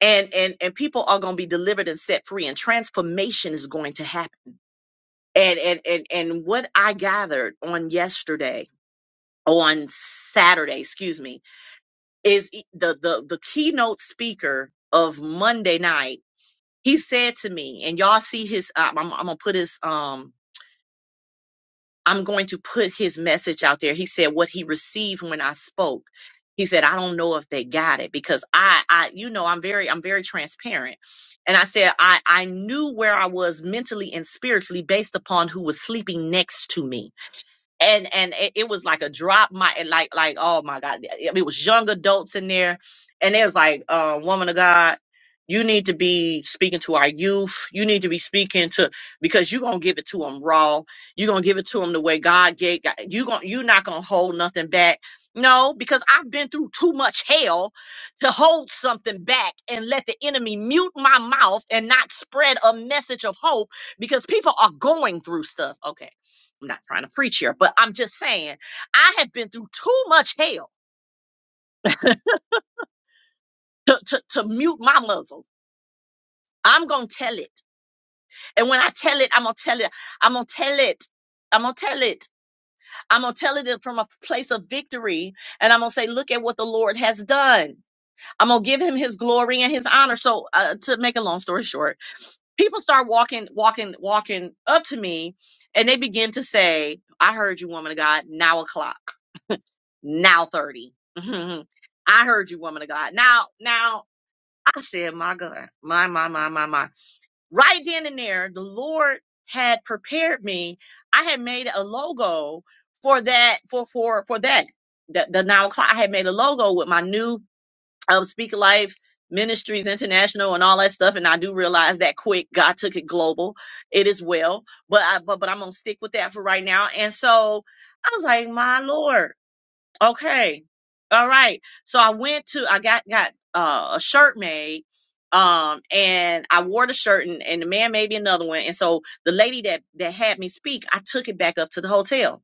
and and and people are gonna be delivered and set free and transformation is going to happen and and and, and what i gathered on yesterday on saturday excuse me is e- the the the keynote speaker of Monday night. He said to me, and y'all see his. Um, I'm, I'm gonna put his. Um, I'm going to put his message out there. He said what he received when I spoke. He said I don't know if they got it because I, I, you know, I'm very, I'm very transparent. And I said I, I knew where I was mentally and spiritually based upon who was sleeping next to me and and it, it was like a drop my like like oh my god yeah, yeah, it was young adults in there and it was like uh, woman of god you need to be speaking to our youth you need to be speaking to because you're gonna give it to them raw you're gonna give it to them the way god gave you gonna you're not gonna hold nothing back no because i've been through too much hell to hold something back and let the enemy mute my mouth and not spread a message of hope because people are going through stuff okay I'm not trying to preach here, but I'm just saying I have been through too much hell to, to, to mute my muzzle. I'm gonna tell it. And when I tell it, I'm gonna tell it, I'm gonna tell it. I'm gonna tell it. I'm gonna tell it from a place of victory. And I'm gonna say, look at what the Lord has done. I'm gonna give him his glory and his honor. So uh, to make a long story short, people start walking, walking, walking up to me and they begin to say, I heard you, woman of God, now o'clock. now 30. [laughs] I heard you, woman of God. Now, now, I said, my God, my, my, my, my, my. Right then and there, the Lord had prepared me. I had made a logo for that, for, for, for that. The, the now clock, I had made a logo with my new um, Speaker Life Ministries International and all that stuff. And I do realize that quick, God took it global. It is well, but I, but, but I'm going to stick with that for right now. And so I was like, my Lord. Okay. All right. So I went to I got got uh, a shirt made um and I wore the shirt and, and the man made me another one and so the lady that that had me speak I took it back up to the hotel.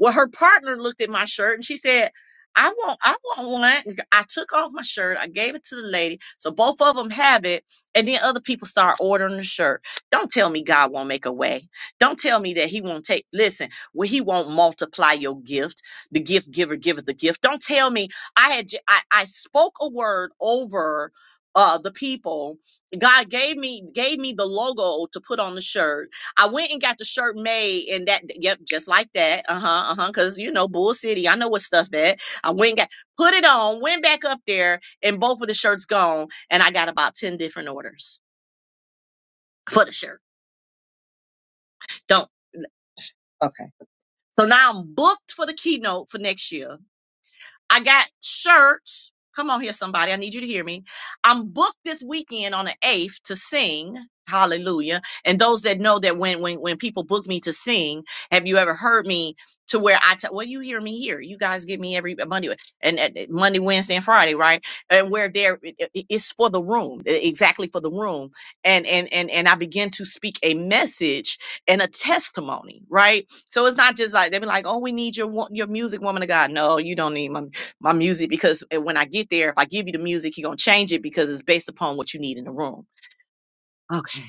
Well her partner looked at my shirt and she said I want I want one. I took off my shirt. I gave it to the lady. So both of them have it and then other people start ordering the shirt. Don't tell me God won't make a way. Don't tell me that he won't take listen, well, he won't multiply your gift the gift giver giveth the gift. Don't tell me I had j- I, I spoke a word over uh the people. God gave me gave me the logo to put on the shirt. I went and got the shirt made and that yep, just like that. Uh-huh, uh-huh. Cause you know, Bull City, I know what stuff at. I went and got put it on, went back up there, and both of the shirts gone. And I got about 10 different orders for the shirt. Don't. Okay. So now I'm booked for the keynote for next year I got shirts. Come on here, somebody. I need you to hear me. I'm booked this weekend on the 8th to sing. Hallelujah. And those that know that when, when, when people book me to sing, have you ever heard me to where I tell, well, you hear me here. You guys get me every Monday and and- Monday, Wednesday and Friday, right? And where there, it- it- it's for the room, e- exactly for the room. And, and, and, and I begin to speak a message and a testimony, right? So it's not just like, they be like, oh, we need your, wo- your music woman of God. No, you don't need my my music because uh, when I get there, if I give you the music, you're gonna change it because it's based upon what you need in the room. Okay.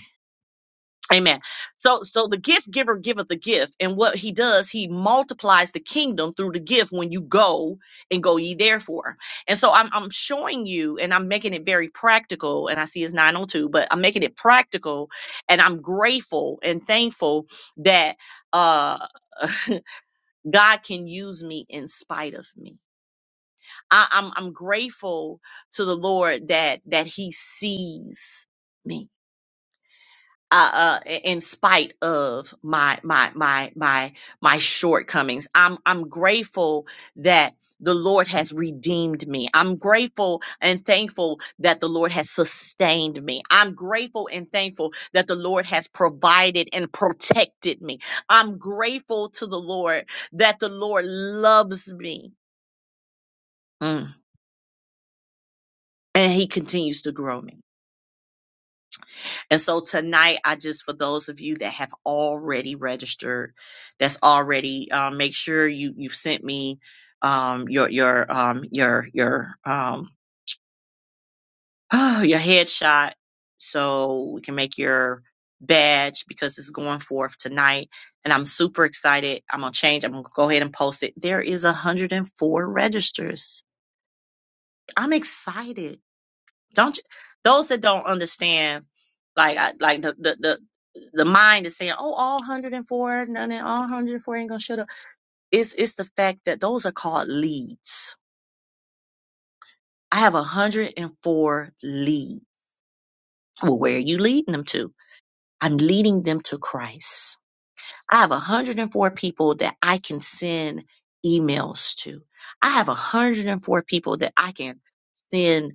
Amen. So so the gift giver giveth the gift, and what he does, he multiplies the kingdom through the gift when you go and go ye therefore. And so I'm I'm showing you and I'm making it very practical, and I see it's 902, but I'm making it practical and I'm grateful and thankful that uh [laughs] God can use me in spite of me. I, I'm I'm grateful to the Lord that that He sees me. Uh, uh, in spite of my my my my my shortcomings, I'm I'm grateful that the Lord has redeemed me. I'm grateful and thankful that the Lord has sustained me. I'm grateful and thankful that the Lord has provided and protected me. I'm grateful to the Lord that the Lord loves me. Mm. and He continues to grow me. And so tonight, I just, for those of you that have already registered, that's already, um, make sure you, you've sent me, um, your, your, um, your, your, um, [sighs] oh, your headshot so we can make your badge because it's going forth tonight. And I'm super excited. I'm going to change. I'm going to go ahead and post it. There is 104 registers. I'm excited Don't you, those that don't understand, like I, like the, the the the mind is saying, oh, all 104, none of all 104 ain't gonna shut up. It's it's the fact that those are called leads. I have 104 leads. Well, where are you leading them to? I'm leading them to Christ. I have 104 people that I can send emails to. I have 104 people that I can send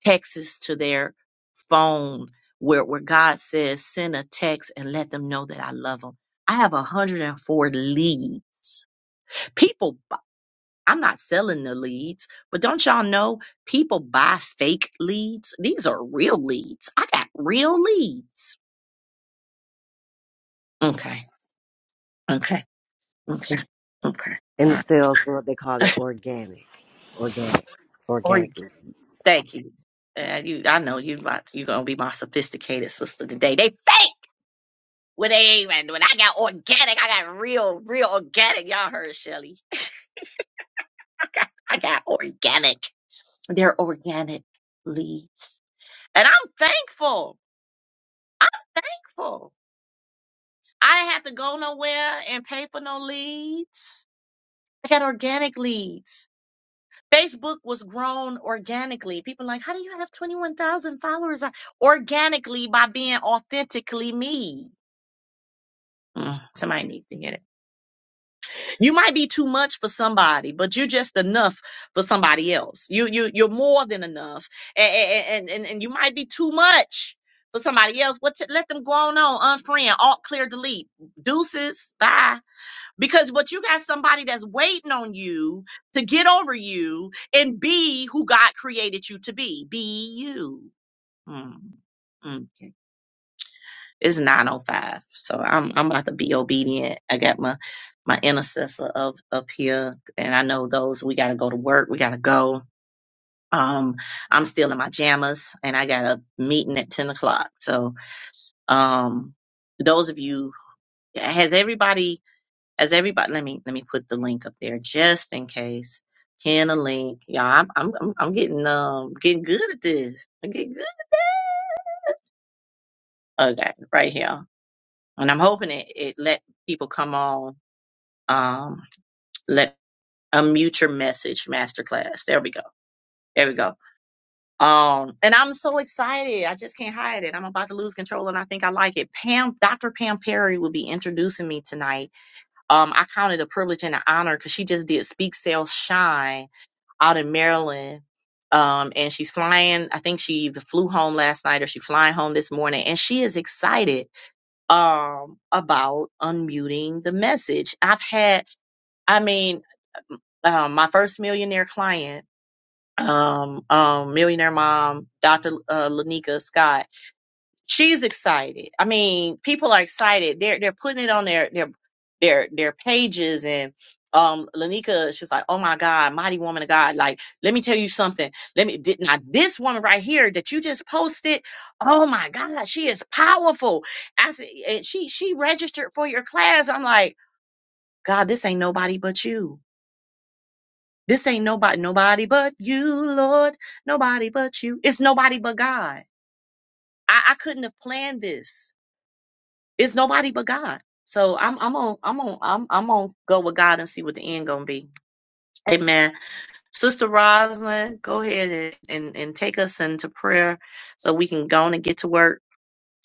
texts to their phone where, where God says, send a text and let them know that I love them. I have 104 leads. People, bu- I'm not selling the leads, but don't y'all know people buy fake leads? These are real leads. I got real leads. Okay. Okay. Okay. Okay.
In
All
the
right.
sales world, they call it organic. Organic.
Or
Organically.
thank you. Uh, you, I know you. like- You are gonna be my sophisticated sister today. They fake. When they ain't even, when I got organic, I got real, real organic. Y'all heard Shelly. [laughs] I got, I got organic. They're organic leads. And I'm thankful. I'm thankful. I didn't have to go nowhere and pay for no leads. I got organic leads. Facebook was grown organically. People like, how do you have 21,000 followers? I- Organically by being authentically me. Mm, somebody needs to hear that. You might be too much for somebody, but you're just enough for somebody else. You you you're more than enough, and and and, and you might be too much for somebody else. What t- let them go on on unfriend, alt clear, delete, deuces, bye. Because what you got somebody that's waiting on you to get over you and be who God created you to be. Be you. Hmm. Mm, it's 9:05, so I'm I'm about to be obedient. I got my my intercessor up up here, and I know those we got to go to work. We got to go. Um, I'm still in my jammas, and I got a meeting at 10 o'clock. So, um, those of you, has everybody, has everybody? Let me let me put the link up there just in case. Pin a link, y'all. I'm I'm I'm I'm getting um getting good at this. I get good. Okay, right here, and I'm hoping it it let people come on. Um, let unmute your message masterclass. There we go. There we go. Um, and I'm so excited. I just can't hide it. I'm about to lose control and I think I like it. Pam, Dr. Pam Perry will be introducing me tonight. Um, I count it a privilege and an honor because she just did Speak Sale Shine out in Maryland. Um, and she's flying. I think she either flew home last night or she flying home this morning. And she is excited um about unmuting the message. I've had, I mean, um, my first millionaire client. um, um, millionaire mom, Dr. Uh, Lanika Scott. She's excited. I mean, people are excited. They're they're putting it on their their their their pages and um Lanika, she's like, oh my God, mighty woman of God. Like, let me tell you something. Let me did now this woman right here that you just posted. Oh my God, she is powerful. I said, and she she registered for your class. I'm like, God, this ain't nobody but you this ain't nobody, nobody but you, Lord. Nobody but you. It's nobody but God. I, I couldn't have planned this. It's nobody but God. So I'm I'm on I'm on I'm I'm on go with God and see what the end gonna be. Amen. Sister Rosalind, go ahead and, and, and take us into prayer so we can go on and get to work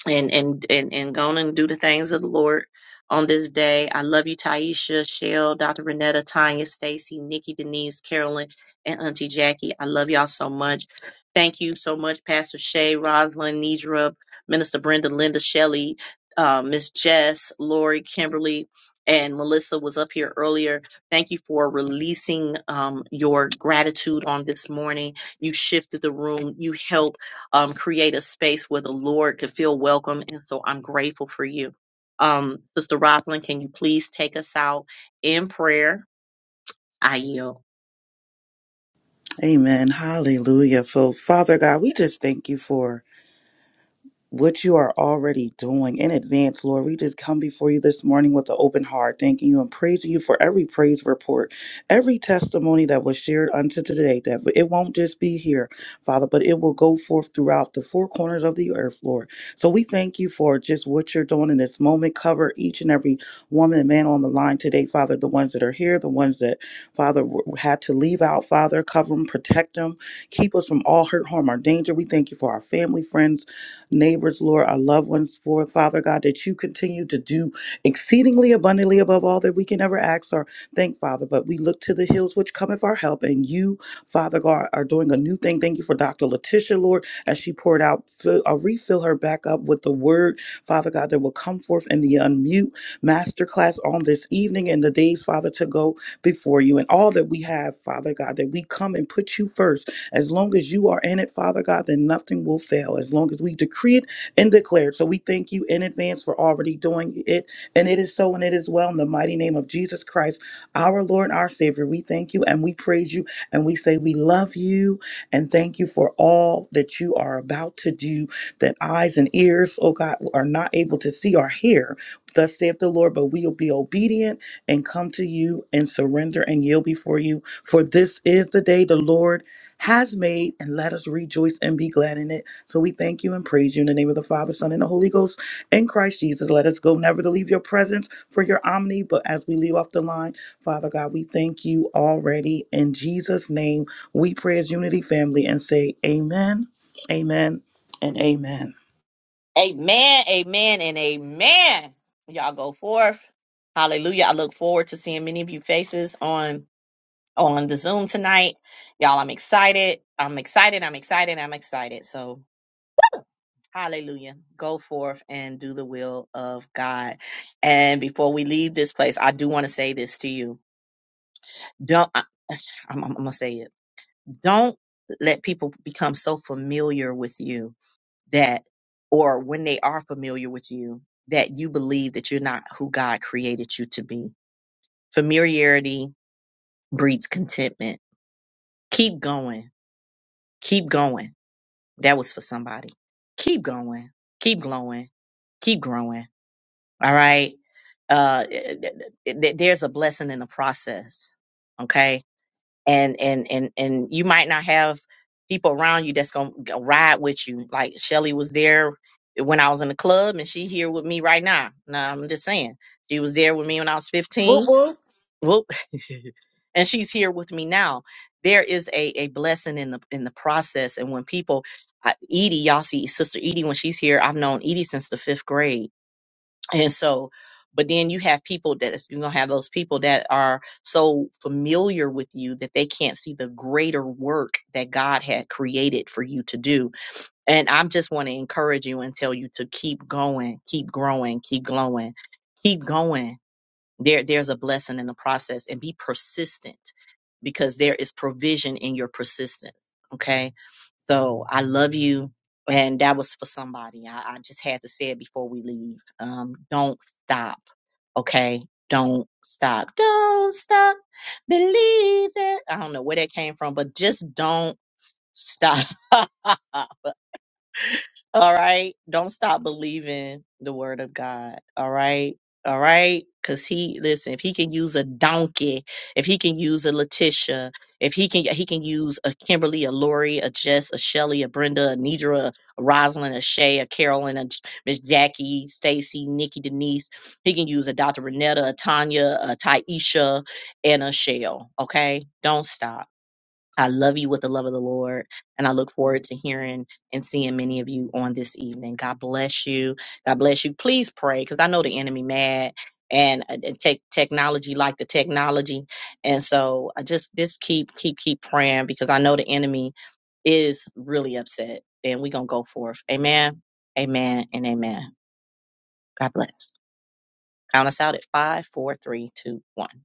and and and and go on and do the things of the Lord on this day. I love you, Taisha, Shell, Dr. Renetta, Tanya, Stacy, Nikki, Denise, Carolyn, and Auntie Jackie. I love y'all so much. Thank you so much, Pastor Shay, Rosalind, Nidra, Minister Brenda, Linda, Shelley, uh, Miss Jess, Lori, Kimberly. And Melissa was up here earlier. Thank you for releasing um, your gratitude on this morning. You shifted the room. You helped um, create a space where the Lord can feel welcome. And so I'm grateful for you. Um, Sister Rosalyn. can you please take us out in prayer? I yield.
Amen. Hallelujah. So, Father God, we just thank you for. what you are already doing in advance, Lord. We just come before you this morning with an open heart, thanking you and praising you for every praise report, every testimony that was shared unto today, that it won't just be here, Father, but it will go forth throughout the four corners of the earth, Lord. So we thank you for just what you're doing in this moment. Cover each and every woman and man on the line today, Father, the ones that are here, the ones that, Father, w- had to leave out, Father, cover them, protect them, keep us from all hurt, harm, or danger. We thank you for our family, friends, neighbors, Lord, our loved ones, for Father God, that you continue to do exceedingly abundantly above all that we can ever ask or think, Father. But we look to the hills which cometh our help, and you, Father God, are doing a new thing. Thank you for Dr. Letitia, Lord, as she poured out, fill, uh, refill her back up with the word, Father God, that will come forth in the unmute masterclass on this evening and the days, Father, to go before you and all that we have, Father God, that we come and put you first. As long as you are in it, Father God, then nothing will fail. As long as we decree it and declare it. So we thank you in advance for already doing it. And it is so and it is well in the mighty name of Jesus Christ, our Lord and our Savior. We thank you and we praise you and we say we love you and thank you for all that you are about to do that eyes and ears, oh God, are not able to see or hear. Thus saith the Lord, but we'll be obedient and come to you and surrender and yield before you. For this is the day the Lord has made, and let us rejoice and be glad in it. So we thank you and praise you in the name of the Father, Son, and the Holy Ghost. In Christ Jesus, let us go never to leave your presence for your omni. But as we leave off the line, Father God, we thank you already. In Jesus' name, we pray as unity family and say, Amen, Amen, and Amen.
Amen, amen, and amen. Y'all go forth. Hallelujah. I look forward to seeing many of you faces on on the Zoom tonight. Y'all, I'm excited. I'm excited. I'm excited. I'm excited. So hallelujah. Go forth and do the will of God. And before we leave this place, I do want to say this to you. Don't I, I'm, I'm gonna say it. Don't let people become so familiar with you that, or when they are familiar with you, that you believe that you're not who God created you to be. Familiarity breeds contentment. Keep going. Keep going. That was for somebody. Keep going. Keep glowing. Keep growing. All right. Uh, th- th- th- there's a blessing in the process. Okay and and and and you might not have people around you that's gonna go ride with you. Like Shelly was there when I was in the club, and she here with me right now. No, I'm just saying she was there with me when I was
Woo
15.
woo.
Whoop, [laughs] and she's here with me now. There is a a blessing in the in the process, and when people. I, Edie, y'all see Sister Edie when she's here. I've known Edie since the fifth grade and so, but then you have people that is- you're gonna have those people that are so familiar with you that they can't see the greater work that God had created for you to do. And i just want to encourage you and tell you to keep going, keep growing, keep glowing, keep going there, there's a blessing in the process and be persistent because there is provision in your persistence. Okay. So I love you. And that was for somebody. I, I just had to say it before we leave. Um, don't stop. Okay. Don't stop. Don't stop. Believe it. I don't know where that came from, but just don't stop. [laughs] All right. Don't stop believing the word of God. All right. All right. Cause he listen, if he can use a donkey, if he can use a Letitia, if he can he can use a Kimberly, a Lori, a Jess, a Shelly, a Brenda, a Nidra, a Rosalind, a Shay, a Carolyn, a J- Miss Jackie, Stacy, Nikki, Denise. He can use a Dr. Renetta, a Tanya, a Taisha, and a Shell. Okay. Don't stop. I love you with the love of the Lord, and I look forward to hearing and seeing many of you on this evening. God bless you. God bless you. Please pray, because I know the enemy mad and, uh, and tech technology like the technology, and so I just just keep keep keep praying because I know the enemy is really upset, and we're gonna go forth. Amen. Amen. And amen. God bless. Count us out at five, four, three, two, one.